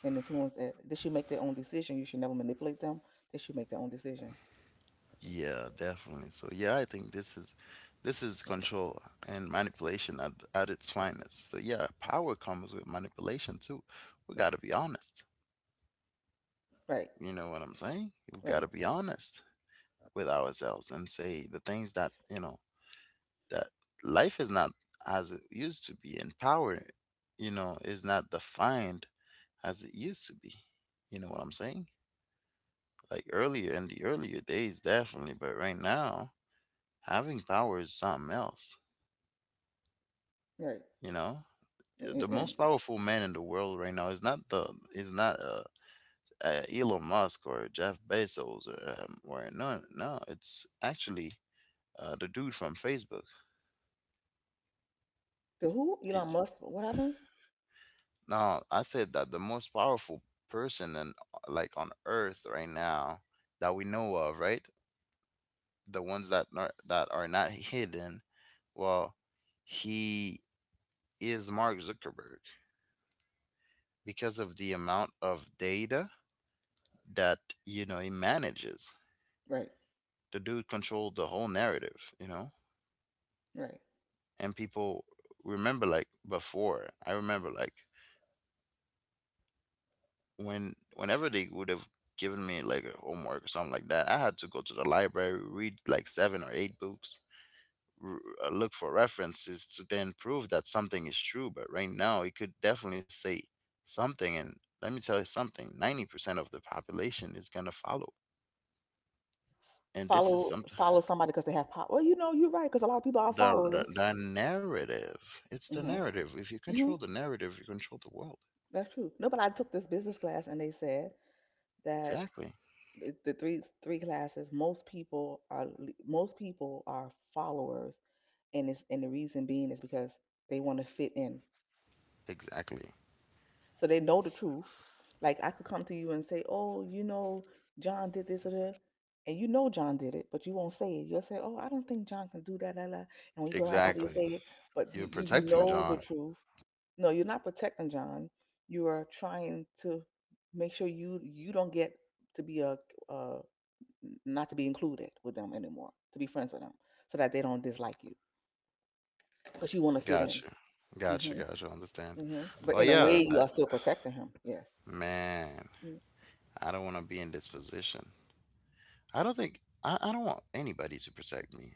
Speaker 1: and influence it? They should make their own decision. You should never manipulate them. They should make their own decision.
Speaker 2: Yeah, definitely. So yeah, I think this is control and manipulation at its finest. So yeah, power comes with manipulation too. We gotta be honest.
Speaker 1: Right,
Speaker 2: You know what I'm saying? We
Speaker 1: right,
Speaker 2: gotta be honest with ourselves and say the things that you know that life is not as it used to be, and power, you know, is not defined as it used to be. You know what I'm saying? Like earlier in the earlier days, definitely, but right now, having power is something else.
Speaker 1: right.
Speaker 2: You know, yeah, the
Speaker 1: And
Speaker 2: most powerful man in the world right now is not Elon Musk or Jeff Bezos or no no it's actually the dude from Facebook.
Speaker 1: To who? Elon
Speaker 2: Did you-
Speaker 1: Musk. What happened?
Speaker 2: No, I said that the most powerful person and like on Earth right now that we know of, right? The ones that are not hidden. Well, he is Mark Zuckerberg because of the amount of data that you know he manages.
Speaker 1: Right,
Speaker 2: The dude controlled the whole narrative, you know?
Speaker 1: right.
Speaker 2: And people remember like before, I remember like when whenever they would have given me like a homework or something like that, I had to go to the library, read like seven or eight books, look for references to then prove that something is true. But right now, you could definitely say something. And let me tell you something, 90% of the population is going to follow. And this is
Speaker 1: Follow,
Speaker 2: something,
Speaker 1: follow somebody because they have power. Well, you know, you're right because a lot of people are followers.
Speaker 2: the narrative. It's the
Speaker 1: Mhm,
Speaker 2: narrative. If you control
Speaker 1: mhm.
Speaker 2: the narrative, you control the world.
Speaker 1: That's true. No, but I took this business class and they said that
Speaker 2: Exactly.
Speaker 1: the three classes most people are followers and it's and the reason being is because they want to fit in
Speaker 2: Exactly.
Speaker 1: so they know the truth. Like I could come to you and say, oh, you know, John did this or that, and you know John did it, but you won't say it. You'll say, oh, I don't think John can do that, la, la. And when you go around everybody you'll
Speaker 2: Exactly.
Speaker 1: say it, but
Speaker 2: You're
Speaker 1: you
Speaker 2: protecting
Speaker 1: know the
Speaker 2: John.
Speaker 1: truth. No, you're not protecting John. You are trying to make sure you don't get to be a not to be included with them anymore, to be friends with them, so that they don't dislike you, because you want to fit in.
Speaker 2: Got you. Got
Speaker 1: hmm
Speaker 2: you. Got you. Understand.
Speaker 1: But
Speaker 2: Well,
Speaker 1: in a way,
Speaker 2: yeah.
Speaker 1: you are
Speaker 2: That
Speaker 1: still protecting him. Yes.
Speaker 2: man.
Speaker 1: Mm,
Speaker 2: I don't want to be in this position. I don't think I don't want anybody to protect me.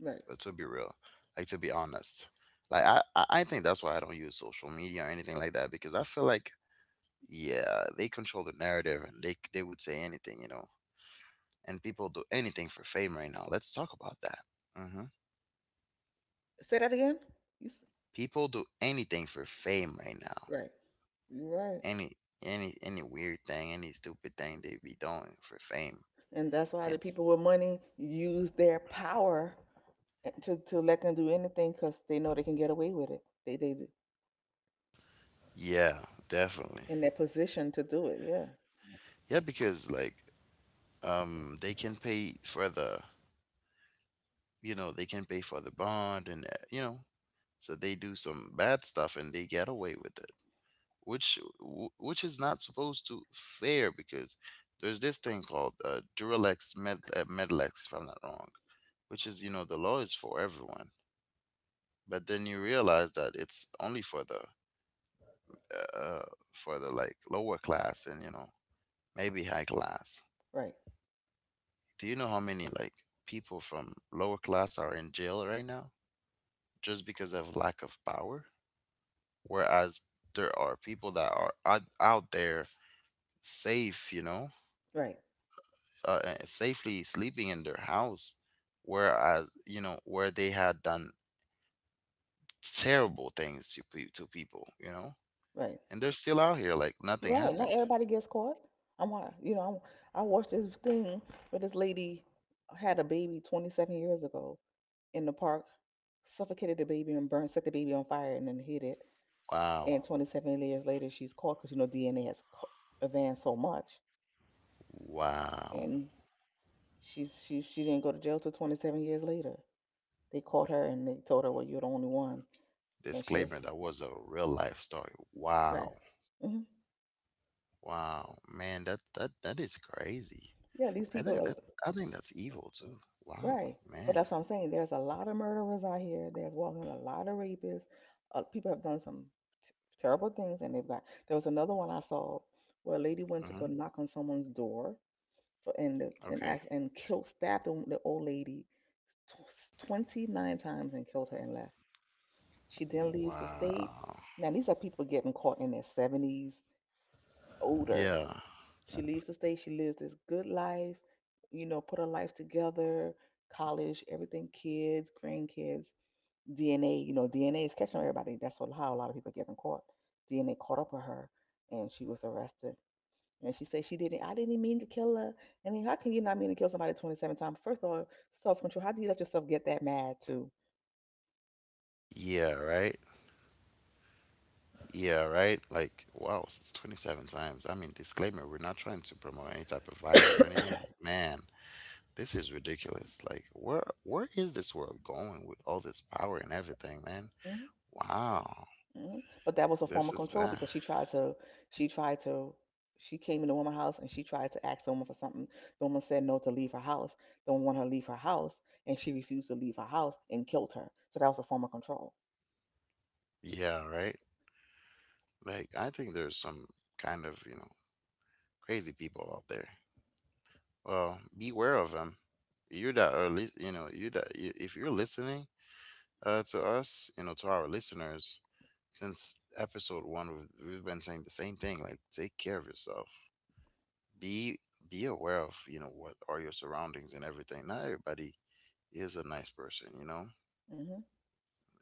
Speaker 1: right.
Speaker 2: But to be real, like to be honest, like I think that's why I don't use social media or anything like that because I feel like yeah they control the narrative and they would say anything you know, and people do anything for fame right now. Let's talk about that. Mm-hmm.
Speaker 1: Say that again. You s-
Speaker 2: People do anything for fame right now.
Speaker 1: right. Right.
Speaker 2: Any any weird thing, any stupid thing they be doing for fame.
Speaker 1: And that's why
Speaker 2: And
Speaker 1: the people with money use their power to let them do anything because they know they can get away with it.
Speaker 2: yeah, definitely.
Speaker 1: In their position to do it. Yeah.
Speaker 2: Yeah, because like they can pay for the you know, they can pay for the bond and you know, so they do some bad stuff and they get away with it. Which which is not supposed to fair because there's this thing called Duralex Med, Medlex if I'm not wrong, which is you know the law is for everyone but then you realize that it's only uh, for the like lower class and you know maybe high class.
Speaker 1: Right.
Speaker 2: Do you know how many like people from lower class are in jail right now just because of lack of power, whereas there are people that are out there safe you know,
Speaker 1: Right.
Speaker 2: safely sleeping in their house whereas you know where they had done terrible things to people you know,
Speaker 1: Right.
Speaker 2: and they're still out here like nothing
Speaker 1: Right. Not
Speaker 2: happened.
Speaker 1: everybody gets caught. You know, I watched this thing where this lady had a baby 27 years ago in the park, suffocated the baby and burned, set the baby on fire and then hid it.
Speaker 2: Wow.
Speaker 1: And 27 years later, she's caught because you know DNA has advanced so much,
Speaker 2: Wow.
Speaker 1: and she didn't go to jail till 27 years later. They caught her and they told her, "Well, you're the only one," and she was
Speaker 2: Disclaimer, that was a real life story.
Speaker 1: right.
Speaker 2: Wow.
Speaker 1: Hmm.
Speaker 2: Wow. Man, that is crazy.
Speaker 1: Yeah, these
Speaker 2: I think
Speaker 1: people.
Speaker 2: that I think that's evil too. Wow,
Speaker 1: Right. But that's
Speaker 2: man.
Speaker 1: what I'm saying. There's a lot of murderers out here. There's walking a lot of rapists. People have done some t- terrible things, and they've got. There was another one I saw where a lady went to
Speaker 2: Hmm.
Speaker 1: go knock on someone's door for and the- and
Speaker 2: Okay.
Speaker 1: asked and killed stabbed the old lady tw 29 times and killed her and left. She then leaves the state.
Speaker 2: Wow.
Speaker 1: Now these are people getting caught in their 70s, older.
Speaker 2: Yeah.
Speaker 1: She leaves the state. She lives this good life, you know, put her life together, college, everything, kids, grandkids, DNA. You know, DNA is catching everybody. That's what, how a lot of people getting caught. DNA caught up with her, and she was arrested. And she said she didn't. I didn't even mean to kill her. I mean, how can you not mean to kill somebody 27 times? First of all, self control. How do you let yourself get that mad too?
Speaker 2: Yeah, right? Yeah, right? Like, wow, 27 times. I mean, disclaimer, we're not trying to promote any type of violence or anything,
Speaker 1: Mm-hmm.
Speaker 2: but man, this is ridiculous. Like, where is this world going with all this power and everything, man? Wow.
Speaker 1: Mhm. But that was a form
Speaker 2: This
Speaker 1: of
Speaker 2: is
Speaker 1: control
Speaker 2: bad.
Speaker 1: because she tried to, she came in the woman's house and she tried to ask the woman for something. The woman said no to leave her house. The woman wanted her to leave her house and she refused to leave her house and killed her. So that was a form of control.
Speaker 2: Yeah, right? Like, I think there's some kind of, you know, crazy people out there. Well, beware of them. You that are, you know, you that, if you're listening to us, you know, to our listeners, since episode one, we've been saying the same thing. Like, take care of yourself. Be be aware of, you know, what are your surroundings and everything. Not everybody is a nice person, you know,
Speaker 1: Hmm.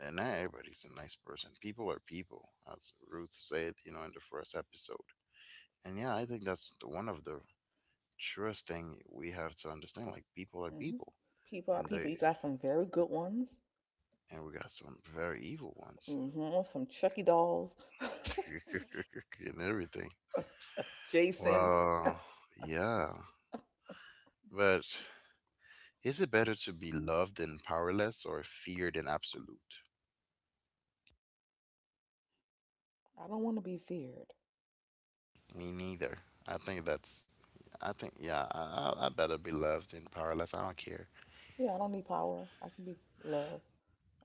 Speaker 2: and not everybody's a nice person. People are people, as Ruth said, you know, in the first episode. And yeah, I think that's one of the truest thing we have to understand. Like people are
Speaker 1: Hmm.
Speaker 2: people,
Speaker 1: People are
Speaker 2: and
Speaker 1: people.
Speaker 2: they
Speaker 1: You got some very good ones.
Speaker 2: and we got some very evil ones.
Speaker 1: Hmm. Some Chucky dolls.
Speaker 2: And everything.
Speaker 1: Jason.
Speaker 2: Well, yeah, but is it better to be loved and powerless or feared and absolute?
Speaker 1: I don't want to be feared.
Speaker 2: Me neither. I think that's... I think yeah, I I'd better be loved and powerless. I don't care.
Speaker 1: Yeah, I don't need power. I can be loved.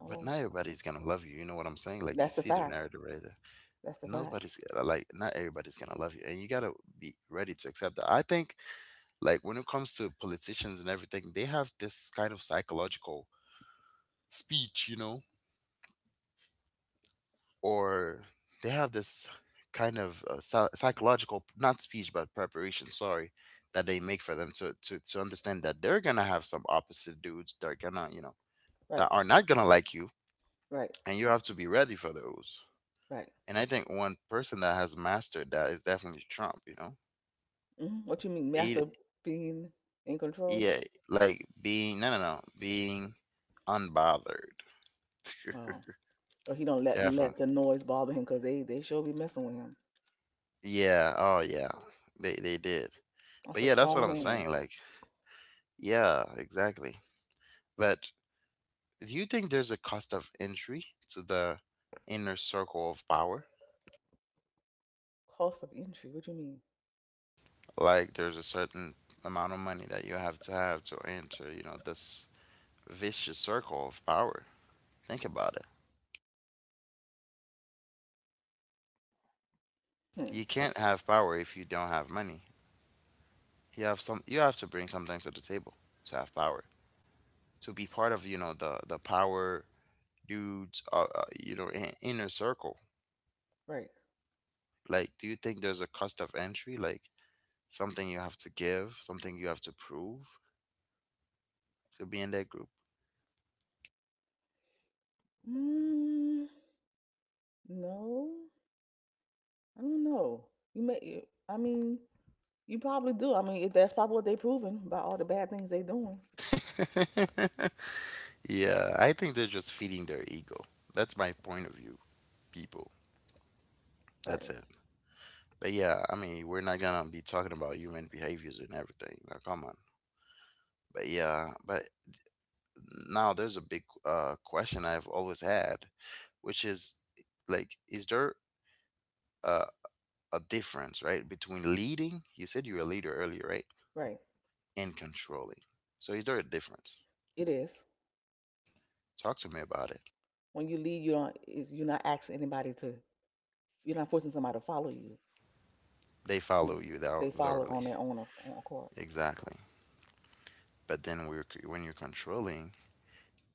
Speaker 1: I
Speaker 2: But
Speaker 1: don't.
Speaker 2: not everybody's gonna love you. You know what I'm saying? Like
Speaker 1: That's the
Speaker 2: see the
Speaker 1: fact.
Speaker 2: narrative right there.
Speaker 1: That's the fact.
Speaker 2: Nobody's like not everybody's gonna love you and you gotta be ready to accept that. I think like when it comes to politicians and everything they have this kind of psychological speech you know, or they have this kind of psychological not speech but preparation sorry, that they make for them to understand that they're gonna have some opposite dudes that are gonna you know,
Speaker 1: Right,
Speaker 2: that are not gonna like you,
Speaker 1: right,
Speaker 2: and you have to be ready for those.
Speaker 1: right.
Speaker 2: And I think one person that has mastered that is definitely Trump you know.
Speaker 1: Mhm. What you mean,
Speaker 2: He
Speaker 1: master being in control?
Speaker 2: yeah, like being no no no being unbothered.
Speaker 1: Oh, so he don't let
Speaker 2: Definitely.
Speaker 1: let the noise bother him because they sure be messing with him.
Speaker 2: Yeah. Oh yeah. They did. But
Speaker 1: That's a
Speaker 2: yeah, that's what
Speaker 1: strong
Speaker 2: I'm
Speaker 1: man.
Speaker 2: saying. Like yeah, exactly. But do you think there's a cost of entry to the inner circle of power?
Speaker 1: Cost of entry. What you mean?
Speaker 2: Like there's a certain amount of money that you have to enter. You know this vicious circle of power. Think about it.
Speaker 1: Hmm.
Speaker 2: You can't have power if you don't have money. You have some. You have to bring something to the table to have power, to be part of you know the power dudes you know inner circle.
Speaker 1: Right.
Speaker 2: Like do you think there's a cost of entry, like something you have to give, something you have to prove to be in that group?
Speaker 1: Mm, no, I don't know. You may. I mean, you probably do. I mean, if that's probably what they are proving by all the bad things they are doing.
Speaker 2: Yeah, I think they're just feeding their ego. That's my point of view. People, that's
Speaker 1: Right.
Speaker 2: it. But yeah, I mean we're not gonna be talking about human behaviors and everything, like come on. But yeah, but now there's a big question I've always had, which is like is there a, a difference, right, between leading, you said you are a leader earlier, right,
Speaker 1: Right.
Speaker 2: and controlling. So is there a difference?
Speaker 1: It is.
Speaker 2: Talk to me about it.
Speaker 1: When you lead, you don't. Is you're not asking anybody to. You're not forcing somebody to follow you.
Speaker 2: They
Speaker 1: Mm.
Speaker 2: follow you
Speaker 1: They follow
Speaker 2: thoroughly.
Speaker 1: on their own accord.
Speaker 2: Exactly. But then we're, when you're controlling,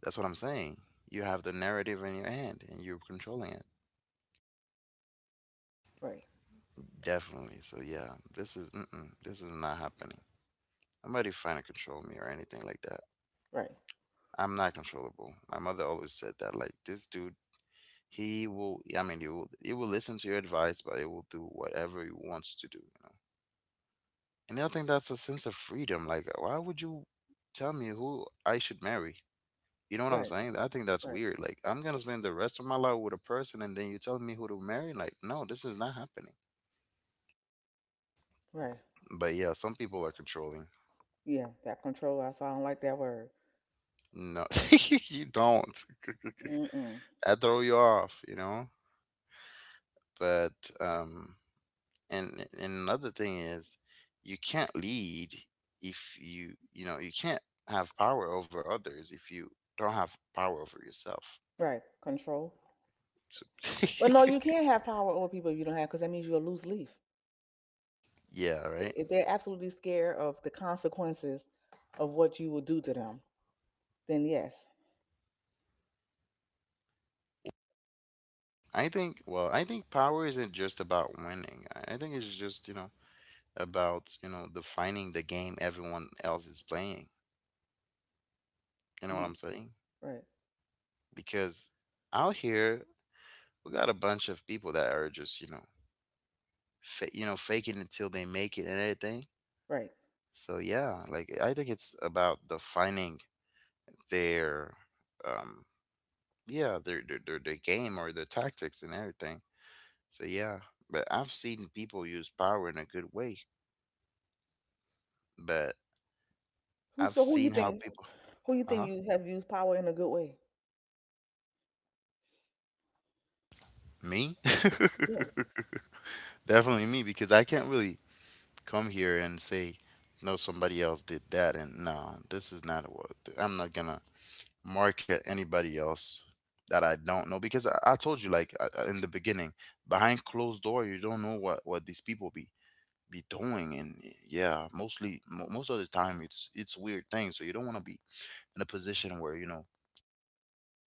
Speaker 2: that's what I'm saying. You have the narrative in your hand and you're controlling it.
Speaker 1: Right.
Speaker 2: Definitely. So yeah, this is mm-mm, this is not happening. Nobody trying to control me or anything like that.
Speaker 1: Right,
Speaker 2: I'm not controllable. My mother always said that. Like this dude, he will, I mean, he will listen to your advice, but he will do whatever he wants to do, you know. And I think that's a sense of freedom. Like, why would you tell me who I should marry? You know what
Speaker 1: right,
Speaker 2: I'm saying? I think that's
Speaker 1: right,
Speaker 2: weird. Like, I'm gonna spend the rest of my life with a person, and then you tell me who to marry? Like, no, this is not happening.
Speaker 1: right.
Speaker 2: But yeah, some people are controlling.
Speaker 1: Yeah, that control. That's why I don't like that word.
Speaker 2: No, you don't.
Speaker 1: Mm-mm.
Speaker 2: I throw you off, you know. But and and another thing is you can't lead if you know you can't have power over others if you don't have power over yourself
Speaker 1: Right, control.
Speaker 2: so,
Speaker 1: Well, no, you can't have power over people if you don't have, because that means you're a loose leaf.
Speaker 2: yeah right.
Speaker 1: If they're absolutely scared of the consequences of what you will do to them, then yes.
Speaker 2: I think I think power isn't just about winning. I think it's just you know about you know defining the game everyone else is playing, you know what
Speaker 1: Hmm.
Speaker 2: I'm saying?
Speaker 1: Right,
Speaker 2: Because out here we got a bunch of people that are just you know you know faking until they make it and everything.
Speaker 1: right.
Speaker 2: So yeah, like I think it's about defining their um yeah, their game or their tactics and everything. So yeah, but I've seen people use power in a good way, but
Speaker 1: Who?
Speaker 2: I've
Speaker 1: So who you
Speaker 2: seen how
Speaker 1: think?
Speaker 2: people
Speaker 1: Who you think
Speaker 2: uh-huh.
Speaker 1: you have used power in a good way?
Speaker 2: Me?
Speaker 1: Yeah,
Speaker 2: Definitely me because I can't really come here and say no, somebody else did that, and no, this is not what I'm not going to market anybody else that I don't know because I told you like in the beginning. Behind closed door you don't know what these people be doing. And yeah, most of the time it's weird things, so you don't want to be in a position where you know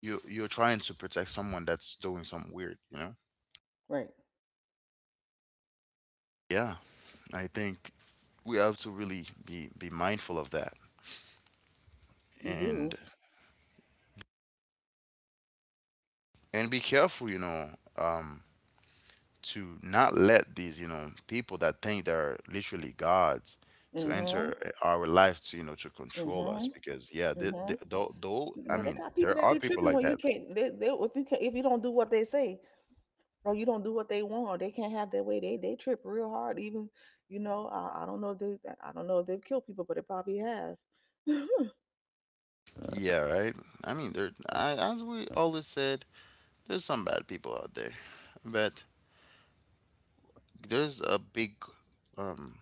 Speaker 2: you're trying to protect someone that's doing something weird, you know.
Speaker 1: right.
Speaker 2: Yeah, I think we have to really be mindful of that,
Speaker 1: You
Speaker 2: and
Speaker 1: do.
Speaker 2: and be careful, you know, um to not let these, you know, people that think they're literally gods to
Speaker 1: Mm-hmm.
Speaker 2: enter our life to, you know, to control us.
Speaker 1: Mm-hmm.
Speaker 2: Because yeah, th
Speaker 1: Mm-hmm.
Speaker 2: th though, though, I
Speaker 1: No, they
Speaker 2: mean,
Speaker 1: got people
Speaker 2: there
Speaker 1: that
Speaker 2: are
Speaker 1: be
Speaker 2: people
Speaker 1: tripping
Speaker 2: like
Speaker 1: when you
Speaker 2: that.
Speaker 1: can't. They if you can not if you don't do what they say, no, you don't do what they want. Or they can't have their way. They trip real hard. Even, you know, I don't know if they I don't know if they've killed people, but they probably have.
Speaker 2: Yeah, right. I mean, there, I, as we always said, there's some bad people out there, but there's a big, um,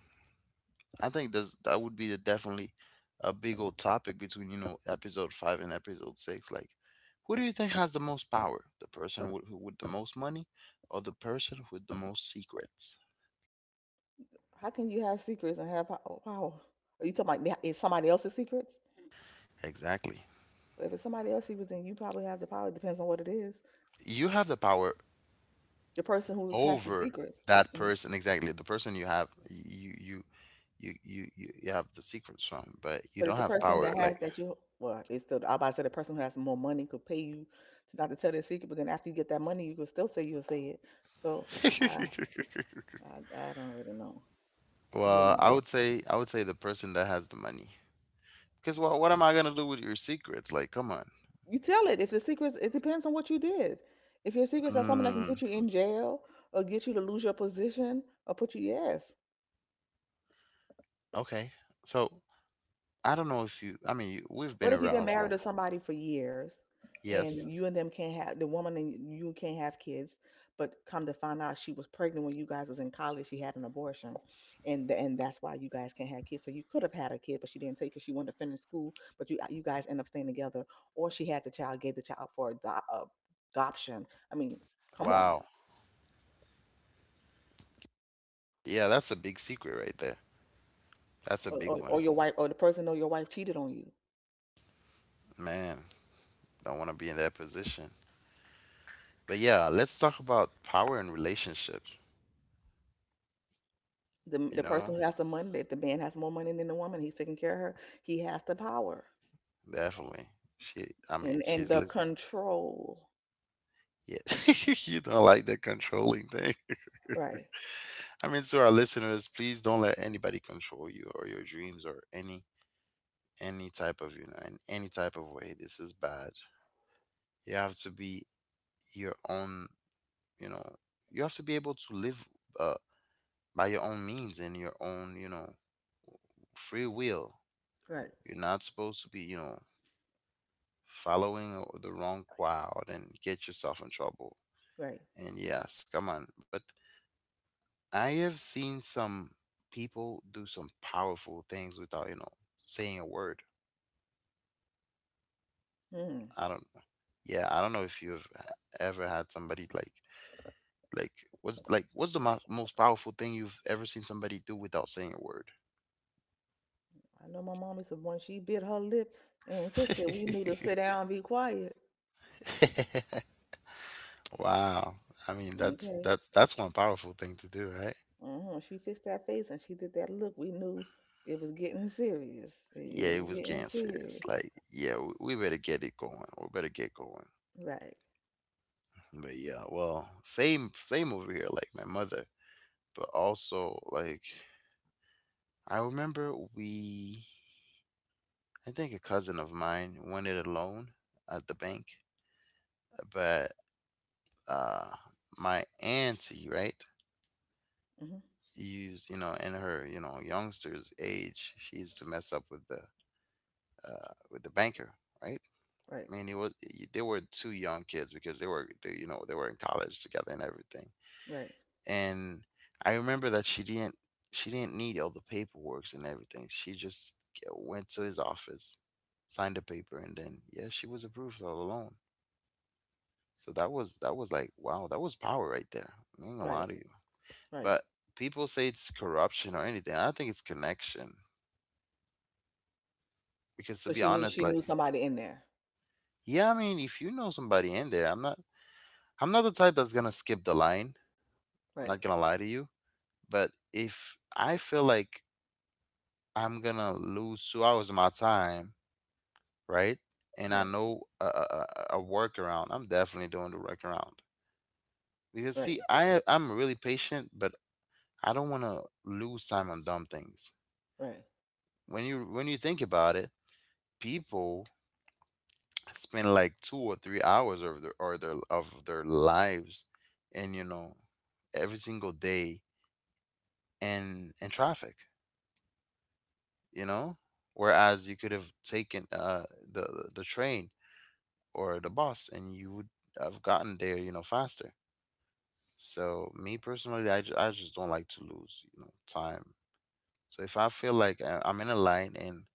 Speaker 2: I think that's that would be the, definitely a big old topic between you know episode 5 and episode 6. Like, who do you think has the most power? The person with, who with the most money, or the person with the most secrets?
Speaker 1: How can you have secrets and have power? Wow. Are you talking about it's somebody else's secrets?
Speaker 2: Exactly.
Speaker 1: But if it's somebody else's secrets, then you probably have the power. It depends on what it is.
Speaker 2: You have the power
Speaker 1: The person who has the
Speaker 2: over
Speaker 1: secrets.
Speaker 2: that
Speaker 1: Mhm.
Speaker 2: person. Exactly. The person you have you you you you you you have the secrets from, but you
Speaker 1: But if
Speaker 2: don't
Speaker 1: the
Speaker 2: have
Speaker 1: person
Speaker 2: power.
Speaker 1: that
Speaker 2: Like,
Speaker 1: has that you well, it's still I about to say the person who has more money could pay you to not to tell their secret, but then after you get that money, you could still say you'll say it. So I I don't really know. You
Speaker 2: well, I
Speaker 1: know.
Speaker 2: would say I would say the person that has the money. Because what am I gonna do with your secrets? Like, come on.
Speaker 1: You tell it. If the secrets, it depends on what you did. If your secrets are something that can
Speaker 2: Mm.
Speaker 1: get you in jail or get you to lose your position or put you, yes.
Speaker 2: Okay. So I don't know if you, I mean, you, we've
Speaker 1: What
Speaker 2: been
Speaker 1: if you've been
Speaker 2: around
Speaker 1: married
Speaker 2: for,
Speaker 1: to somebody for years and yeah,
Speaker 2: yes.
Speaker 1: you and them can't have, the woman and you can't have kids, but come to find out she was pregnant when you guys was in college, she had an abortion. And that's why you guys can't have kids. So you could have had a kid, but she didn't take it. She wanted to finish school, but you guys end up staying together. Or she had the child, gave the child for adoption. I mean, come on.
Speaker 2: Wow. Yeah, that's a big secret right there. That's a
Speaker 1: or, or,
Speaker 2: big
Speaker 1: or
Speaker 2: one.
Speaker 1: your wife or the person or your wife cheated on you.
Speaker 2: Man, don't want to be in that position. But yeah, let's talk about power and relationships,
Speaker 1: the,
Speaker 2: you
Speaker 1: the
Speaker 2: know?
Speaker 1: person who has the money, if the man has more money than the woman he's taking care of her, he has the power
Speaker 2: Definitely. She, I mean,
Speaker 1: and
Speaker 2: she's,
Speaker 1: the
Speaker 2: lis-
Speaker 1: control.
Speaker 2: yeah. You don't like the controlling thing.
Speaker 1: Right,
Speaker 2: I mean, to our listeners, please don't let anybody control you or your dreams or any type of, you know, in any type of way. This is bad. You have to be your own, you know, you have to be able to live uh, by your own means and your own, you know, free will.
Speaker 1: right,
Speaker 2: You're not supposed to be, you know, following o- the wrong crowd and get yourself in trouble.
Speaker 1: right.
Speaker 2: And yes, come on. But I have seen some people do some powerful things without, you know, saying a word.
Speaker 1: Hmm.
Speaker 2: I don't know. Yeah, I don't know if you've h- ever had somebody like like what's the mo- most powerful thing you've ever seen somebody do without saying a word.
Speaker 1: I know my mom is the one. She bit her lip and fixed it. We knew to sit down and be quiet.
Speaker 2: Wow. I mean,
Speaker 1: Okay.
Speaker 2: that's one powerful thing to do, right?
Speaker 1: Hmm. She fixed that face and she did that look. We knew it was getting serious. It
Speaker 2: Yeah,
Speaker 1: was
Speaker 2: it was
Speaker 1: getting
Speaker 2: getting
Speaker 1: serious.
Speaker 2: serious. Like, yeah, w- we better get it going. We better get going.
Speaker 1: Right.
Speaker 2: But yeah, well, same over here. Like my mother, but also like I remember we, I think a cousin of mine wanted a loan at the bank, but uh, my auntie, right,
Speaker 1: Hmm.
Speaker 2: used you know in her you know youngster's age, she used to mess up with the banker, right?
Speaker 1: Right,
Speaker 2: I mean, it was, they were two young kids because they were they, you know, they were in college together and everything.
Speaker 1: right,
Speaker 2: And I remember that she didn't need all the paperwork and everything. She just g- went to his office, signed the paper, and then yeah, she was approved for the loan. So that was like wow, that was power right there. I ain't gonna
Speaker 1: right,
Speaker 2: lie to you.
Speaker 1: right.
Speaker 2: But people say it's corruption or anything. I think it's connection because to
Speaker 1: So
Speaker 2: be
Speaker 1: she knew.
Speaker 2: honest,
Speaker 1: She
Speaker 2: like
Speaker 1: knew somebody in there.
Speaker 2: yeah, I mean, if you know somebody in there, I'm not the type that's gonna skip the line, not
Speaker 1: Right,
Speaker 2: gonna lie to you. But if I feel like I'm gonna lose 2 hours of my time, right? And I
Speaker 1: right,
Speaker 2: know a workaround, I'm definitely doing the workaround. Because see,
Speaker 1: right,
Speaker 2: I I'm really patient, but I don't wanna lose time on dumb things.
Speaker 1: right,
Speaker 2: When you think about it, people spend like 2 or 3 hours of their or their of their lives, and you know every single day in traffic, you know, whereas you could have taken the train or the bus and you would have gotten there, you know, faster. So me personally, I just don't like to lose, you know, time. So if I feel like I'm in a line and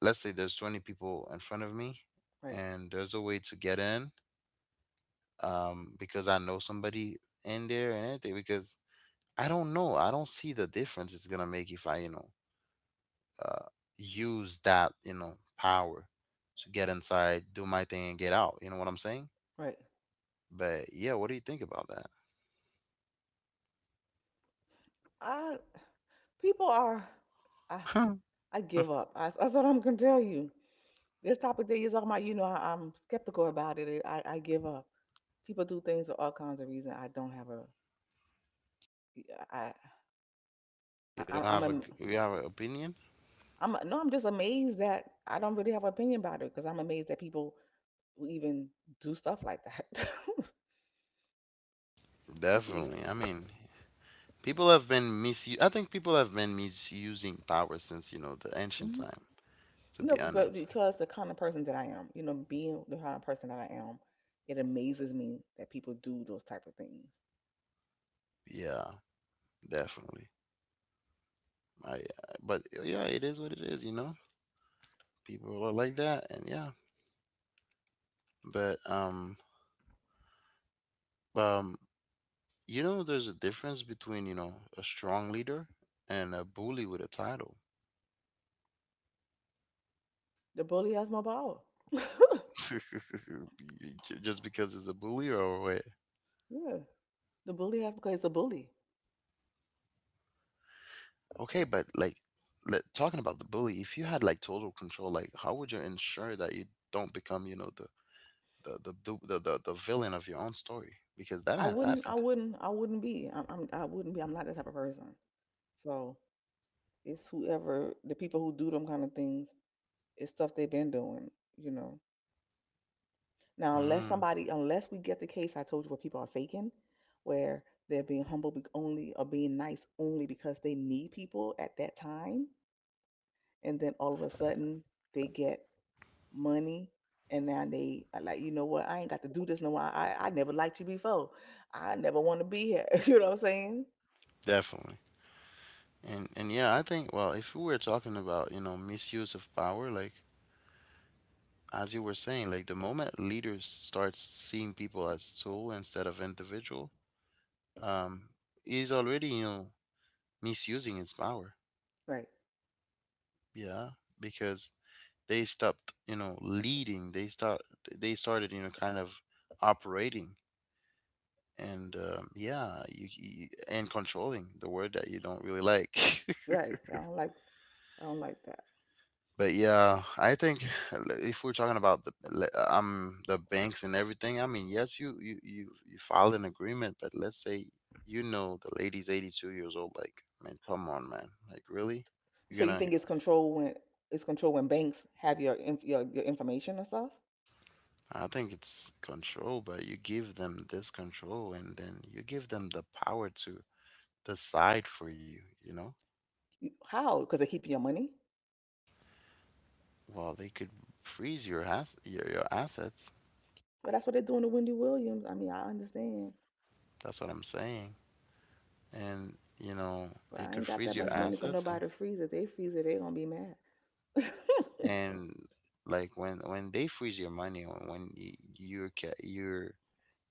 Speaker 2: let's say there's 20 people in front of me
Speaker 1: right,
Speaker 2: and there's a way to get in, um, because I know somebody in there and anything, because I don't know, I don't see the difference it's gonna make if I, you know, uh, use that, you know, power to get inside, do my thing, and get out. You know what I'm saying?
Speaker 1: right.
Speaker 2: But yeah, what do you think about
Speaker 1: I people are I
Speaker 2: that?
Speaker 1: I give up. I, that's what I'm gonna tell you. This topic that you're talking about, you know, I'm skeptical about it. I give up. People do things for all kinds of reasons. I don't have a yeah, I, I
Speaker 2: You don't
Speaker 1: I'm
Speaker 2: have a g- you have an opinion?
Speaker 1: I'm no, I'm just amazed that I don't really have an opinion about it because I'm amazed that people will even do stuff like that. You- you just-
Speaker 2: Definitely. I mean, people have been misu- I think people have been misusing power since you know the ancient
Speaker 1: Mhm.
Speaker 2: time. To
Speaker 1: No,
Speaker 2: be
Speaker 1: but
Speaker 2: honest,
Speaker 1: because the kind of person that I am, you know, being the kind of person that I am, it amazes me that people do those type of things.
Speaker 2: yeah, definitely. I but yeah, it is what it is. You know, people are like that, and yeah. But um, you know, there's a difference between, you know, a strong leader and a bully with a title.
Speaker 1: The bully has my power.
Speaker 2: Just because it's a bully or what?
Speaker 1: Yeah, the bully has because it's a bully.
Speaker 2: Okay, but like, le- talking about the bully, if you had like total control, like, how would you ensure that you don't become, you know, the the villain of your own story? Because that has happened.
Speaker 1: I wouldn't be. I wouldn't be. I'm not that type of person. So it's whoever the people who do them kind of things. It's stuff they've been doing, you know. Now, unless
Speaker 2: Mm,
Speaker 1: somebody, unless we get the case I told you where people are faking, where they're being humble only or being nice only because they need people at that time and then all of a sudden they get money and now they are like you know what I ain't got to do this no more. I never liked you before. I never want to be here. You know what I'm saying?
Speaker 2: definitely. And yeah, I think well, if we were talking about, you know, misuse of power, like as you were saying, like the moment leaders start seeing people as tool instead of individual, um, he's already you know misusing his power.
Speaker 1: Right,
Speaker 2: Yeah, because they stopped you know leading. they started you know kind of operating and yeah, you and controlling the word that you don't really like.
Speaker 1: right. I don't like, I don't like that.
Speaker 2: But yeah, I think if we're talking about the le- the banks and everything, I mean, yes, you file an agreement, but let's say you know the lady's 82 years old. Like, man, come on, man. Like, really? You're
Speaker 1: So you
Speaker 2: gonna?
Speaker 1: think it's control when banks have your your information and stuff?
Speaker 2: I think it's control, but you give them this control, and then you give them the power to decide for you. You know?
Speaker 1: How? Because they're keeping your money?
Speaker 2: Well, they could freeze your assets.
Speaker 1: Well, that's what they're doing to Wendy Williams, I mean, I understand.
Speaker 2: That's what I'm saying. And you know, they
Speaker 1: Well, I
Speaker 2: could
Speaker 1: ain't got
Speaker 2: freeze
Speaker 1: that
Speaker 2: your
Speaker 1: much money for
Speaker 2: assets.
Speaker 1: nobody to freeze it. They freeze it, they gonna be mad.
Speaker 2: And like when they freeze your money or when you're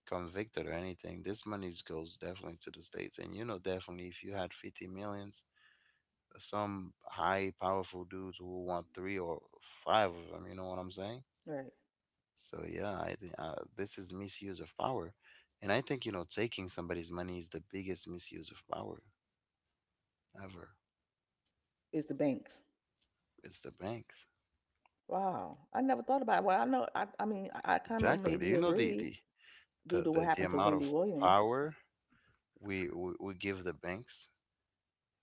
Speaker 2: convicted or anything, this money goes definitely to the states, and you know definitely if you had 50 millions, some high powerful dudes will want three or five of them, you know what I'm saying?
Speaker 1: Right,
Speaker 2: So yeah, I think this is misuse of power, and I think you know taking somebody's money is the biggest misuse of power ever.
Speaker 1: it's the banks.
Speaker 2: It's the banks.
Speaker 1: Wow, I never thought about it. Well, I know, I mean, I kind of
Speaker 2: Exactly. Do
Speaker 1: maybe
Speaker 2: you know the
Speaker 1: agree
Speaker 2: the
Speaker 1: due
Speaker 2: the,
Speaker 1: to what
Speaker 2: the, the
Speaker 1: happened to
Speaker 2: amount
Speaker 1: Wendy
Speaker 2: of
Speaker 1: Williams.
Speaker 2: power we give the banks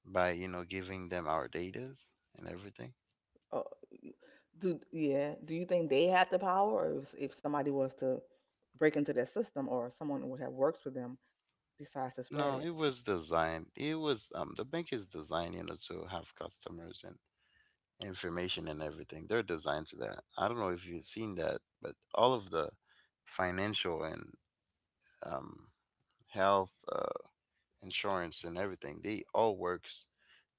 Speaker 2: by you know giving them our datas and everything?
Speaker 1: Uh, do yeah, do you think they had the power, or if somebody was to break into their system, or someone who would have works for them decides to spread
Speaker 2: No,
Speaker 1: it?
Speaker 2: it was designed. It was, the bank is designed, you know, to have customers and information and everything. They're designed to that. I don't know if you've seen that, but all of the financial and um health insurance and everything,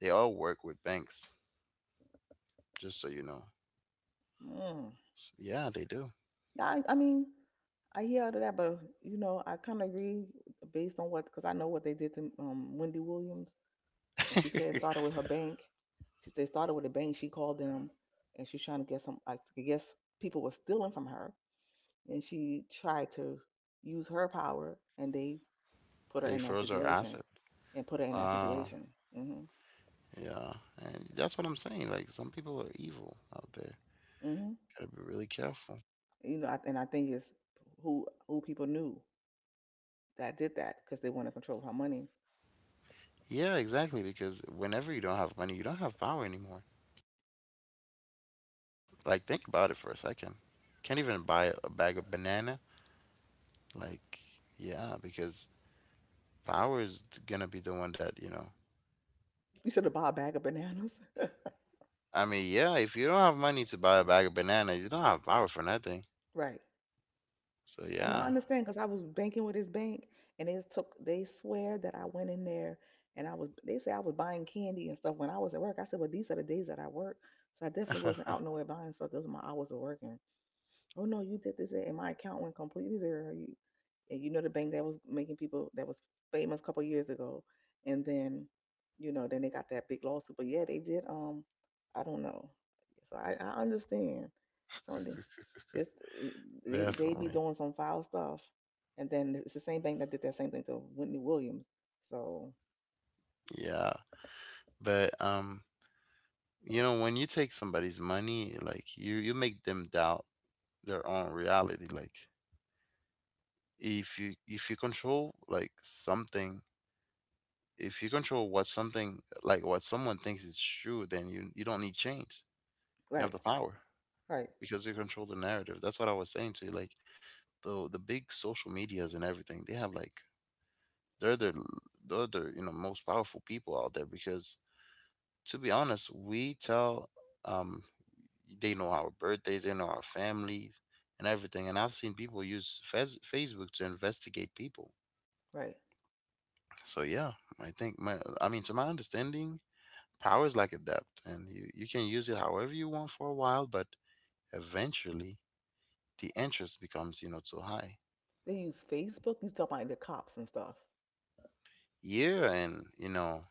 Speaker 2: they all work with banks, just so you know.
Speaker 1: Mm.
Speaker 2: Yeah, they do.
Speaker 1: Yeah, I mean, I hear all of that, but you know, I kind of agree based on what, because I know what they did to Wendy Williams. And she said it started with her bank. She said it started with a bank. She called them and she's trying to get some, like, I guess people were stealing from her. And she tried to use her power and they put her
Speaker 2: They
Speaker 1: in that
Speaker 2: froze our
Speaker 1: situation
Speaker 2: asset.
Speaker 1: and put her in that
Speaker 2: Wow.
Speaker 1: situation. Hmm.
Speaker 2: Yeah, and that's what I'm saying. Like some people are evil out there.
Speaker 1: Hmm.
Speaker 2: Gotta be really careful.
Speaker 1: And I think it's who people knew that did that because they wanted control of her money.
Speaker 2: Yeah, exactly. Because whenever you don't have money, you don't have power anymore. Like think about it for a second. Can't even buy a bag of banana. Like yeah, because power is gonna be the one that you know.
Speaker 1: You should have bought a bag of bananas.
Speaker 2: I mean, yeah, if you don't have money to buy a bag of banana, you don't have power for nothing.
Speaker 1: Right.
Speaker 2: So
Speaker 1: And I
Speaker 2: yeah,
Speaker 1: understand because I was banking with this bank, and they took they swear that I went in there and I was they say I was buying candy and stuff when I was at work. I said, well, these are the days that I work, so I definitely wasn't out nowhere buying stuff. Those are my hours of work. Oh no, you did this and my account went completely zero. You and you know the bank that was making people that was famous a couple years ago, and then you know then they got that big lawsuit. But yeah, they did. I don't know. So I understand. Sunday, it's it, they be
Speaker 2: definitely.
Speaker 1: doing some foul stuff, and then it's the same bank that did that same thing to Whitney Williams. So
Speaker 2: Yeah, but you know, when you take somebody's money, like you make them doubt their own reality. Like if you control like something, if you control what something like what someone thinks is true, then you don't need change. You
Speaker 1: right,
Speaker 2: have the power
Speaker 1: right,
Speaker 2: because you control the narrative. That's what I was saying to you. Like the big social medias and everything, they have like they're the they're the you know most powerful people out there. Because to be honest, we tell, um, they know our birthdays, they know our families and everything. And I've seen people use Facebook to investigate people.
Speaker 1: right.
Speaker 2: So yeah, I think my I mean to my understanding, power is like a debt, and you can use it however you want for a while, but eventually the interest becomes, you know, too high.
Speaker 1: They use Facebook. You talk about the cops and stuff.
Speaker 2: Yeah, and you know,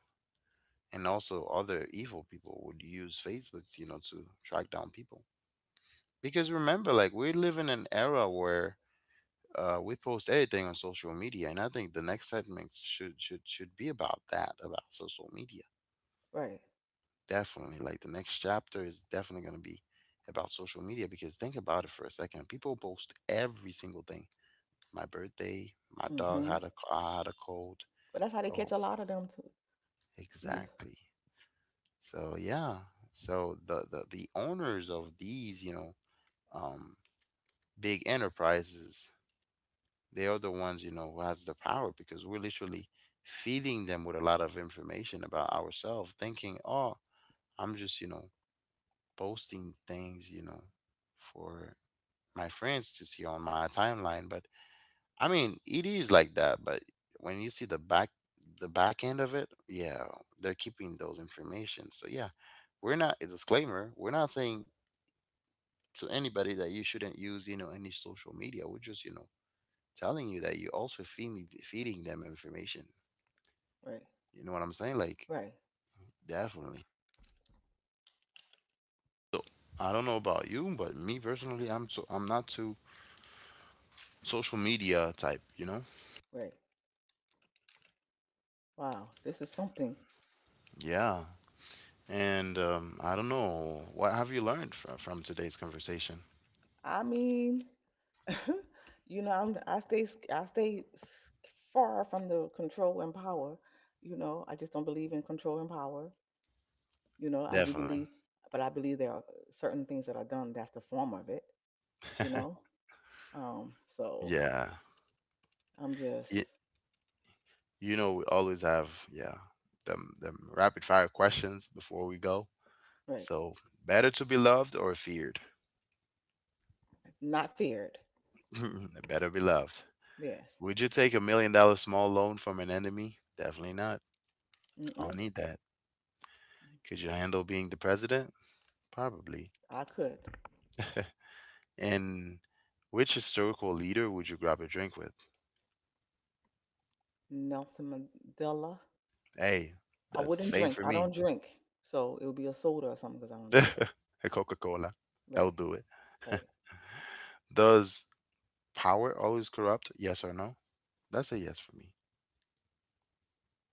Speaker 2: and also other evil people would use Facebook, you know, to track down people. Because remember, like we live in an era where we post everything on social media, and I think the next segment should be about that, about social media.
Speaker 1: Right.
Speaker 2: Definitely. Like the next chapter is definitely going to be about social media because think about it for a second. People post every single thing. My birthday, my dog
Speaker 1: Mhm.
Speaker 2: had a c- I had a cold.
Speaker 1: But that's how they catch a
Speaker 2: Oh,
Speaker 1: lot of them. Too. You,
Speaker 2: exactly. So yeah. So the owners of these, you know, um big enterprises, they are the ones, you know, who has the power because we're literally feeding them with a lot of information about ourselves, thinking, "Oh, I'm just, you know, posting things, you know, for my friends to see on my timeline." But I mean, it is like that. But when you see the back end of it, yeah, they're keeping those information. So yeah, we're not a disclaimer. We're not saying to anybody that you shouldn't use, you know, any social media. We're just, you know, telling you that you're also feeding them information.
Speaker 1: right,
Speaker 2: You know what I'm saying? Like
Speaker 1: right,
Speaker 2: definitely. I don't know about you, but me personally, I'm so I'm not too social media type. You know?
Speaker 1: right. Wow, this is something.
Speaker 2: Yeah. And I don't know, what have you learned from today's conversation?
Speaker 1: I mean, you know, I stay far from the control and power. You know, I just don't believe in control and power. You know, I do
Speaker 2: Definitely.
Speaker 1: believe, but I believe there are certain things that are done. That's the form of it. You know. So
Speaker 2: Yeah.
Speaker 1: I'm just
Speaker 2: Y you know, we always have, yeah, them rapid fire questions before we go.
Speaker 1: right,
Speaker 2: So, better to be loved or feared?
Speaker 1: not feared.
Speaker 2: Better be loved.
Speaker 1: Yes.
Speaker 2: Would you take $1 million small loan from an enemy? Definitely not. I
Speaker 1: Mm-mm.
Speaker 2: don't need that. Could you handle being the president? Probably.
Speaker 1: I could.
Speaker 2: And which historical leader would you grab a drink with?
Speaker 1: Nelson Mandela.
Speaker 2: Hey,
Speaker 1: I
Speaker 2: that's the
Speaker 1: wouldn't
Speaker 2: same
Speaker 1: drink.
Speaker 2: for
Speaker 1: I
Speaker 2: me.
Speaker 1: don't drink. So it would be a soda or something because I don't drink.
Speaker 2: A Coca-Cola. That'll
Speaker 1: Right,
Speaker 2: do it.
Speaker 1: right.
Speaker 2: Does power always corrupt? Yes or no? That's a yes for me.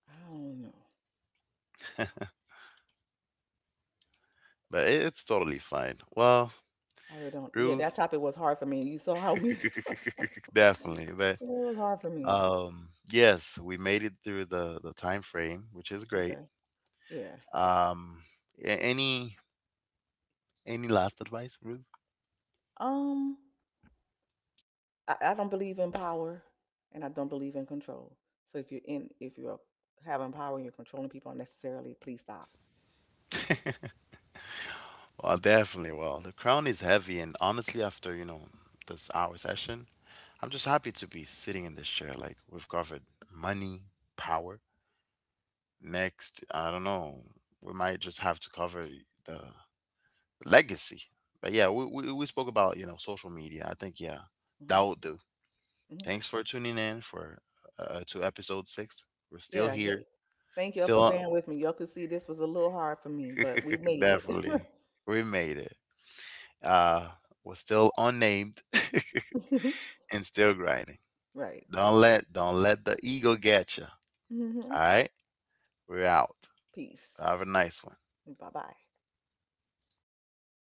Speaker 1: I don't know.
Speaker 2: But it- it's totally fine. Well,
Speaker 1: I really don't. Yeah, that
Speaker 2: Ruth,
Speaker 1: topic was hard for me. You saw how me. It
Speaker 2: definitely. But
Speaker 1: was hard for me.
Speaker 2: yes, we made it through the time frame, which is great.
Speaker 1: Okay. Yeah.
Speaker 2: Um, a- any last advice, Ruth?
Speaker 1: Um, I don't believe in power, and I don't believe in control. So if you're in, if you're having power and you're controlling people unnecessarily, please stop.
Speaker 2: Well, definitely. Well, the crown is heavy, and honestly, after you know this hour session, I'm just happy to be sitting in this chair. Like we've covered money, power, next I don't know, we might just have to cover the legacy. But yeah, we spoke about you know social media, I think yeah that
Speaker 1: Hmm.
Speaker 2: will do.
Speaker 1: Hmm.
Speaker 2: Thanks for tuning in for to episode 6. We're still
Speaker 1: Yeah,
Speaker 2: here,
Speaker 1: thank y'all
Speaker 2: still
Speaker 1: for bearing
Speaker 2: on-
Speaker 1: with me. Y'all could see this was a little hard for me, but we made it.
Speaker 2: definitely we made it. uh we're still unnamed. And still grinding.
Speaker 1: Right.
Speaker 2: Don't let the ego get you.
Speaker 1: Hmm.
Speaker 2: All right, we're out.
Speaker 1: Peace.
Speaker 2: Have a nice one.
Speaker 1: Bye bye.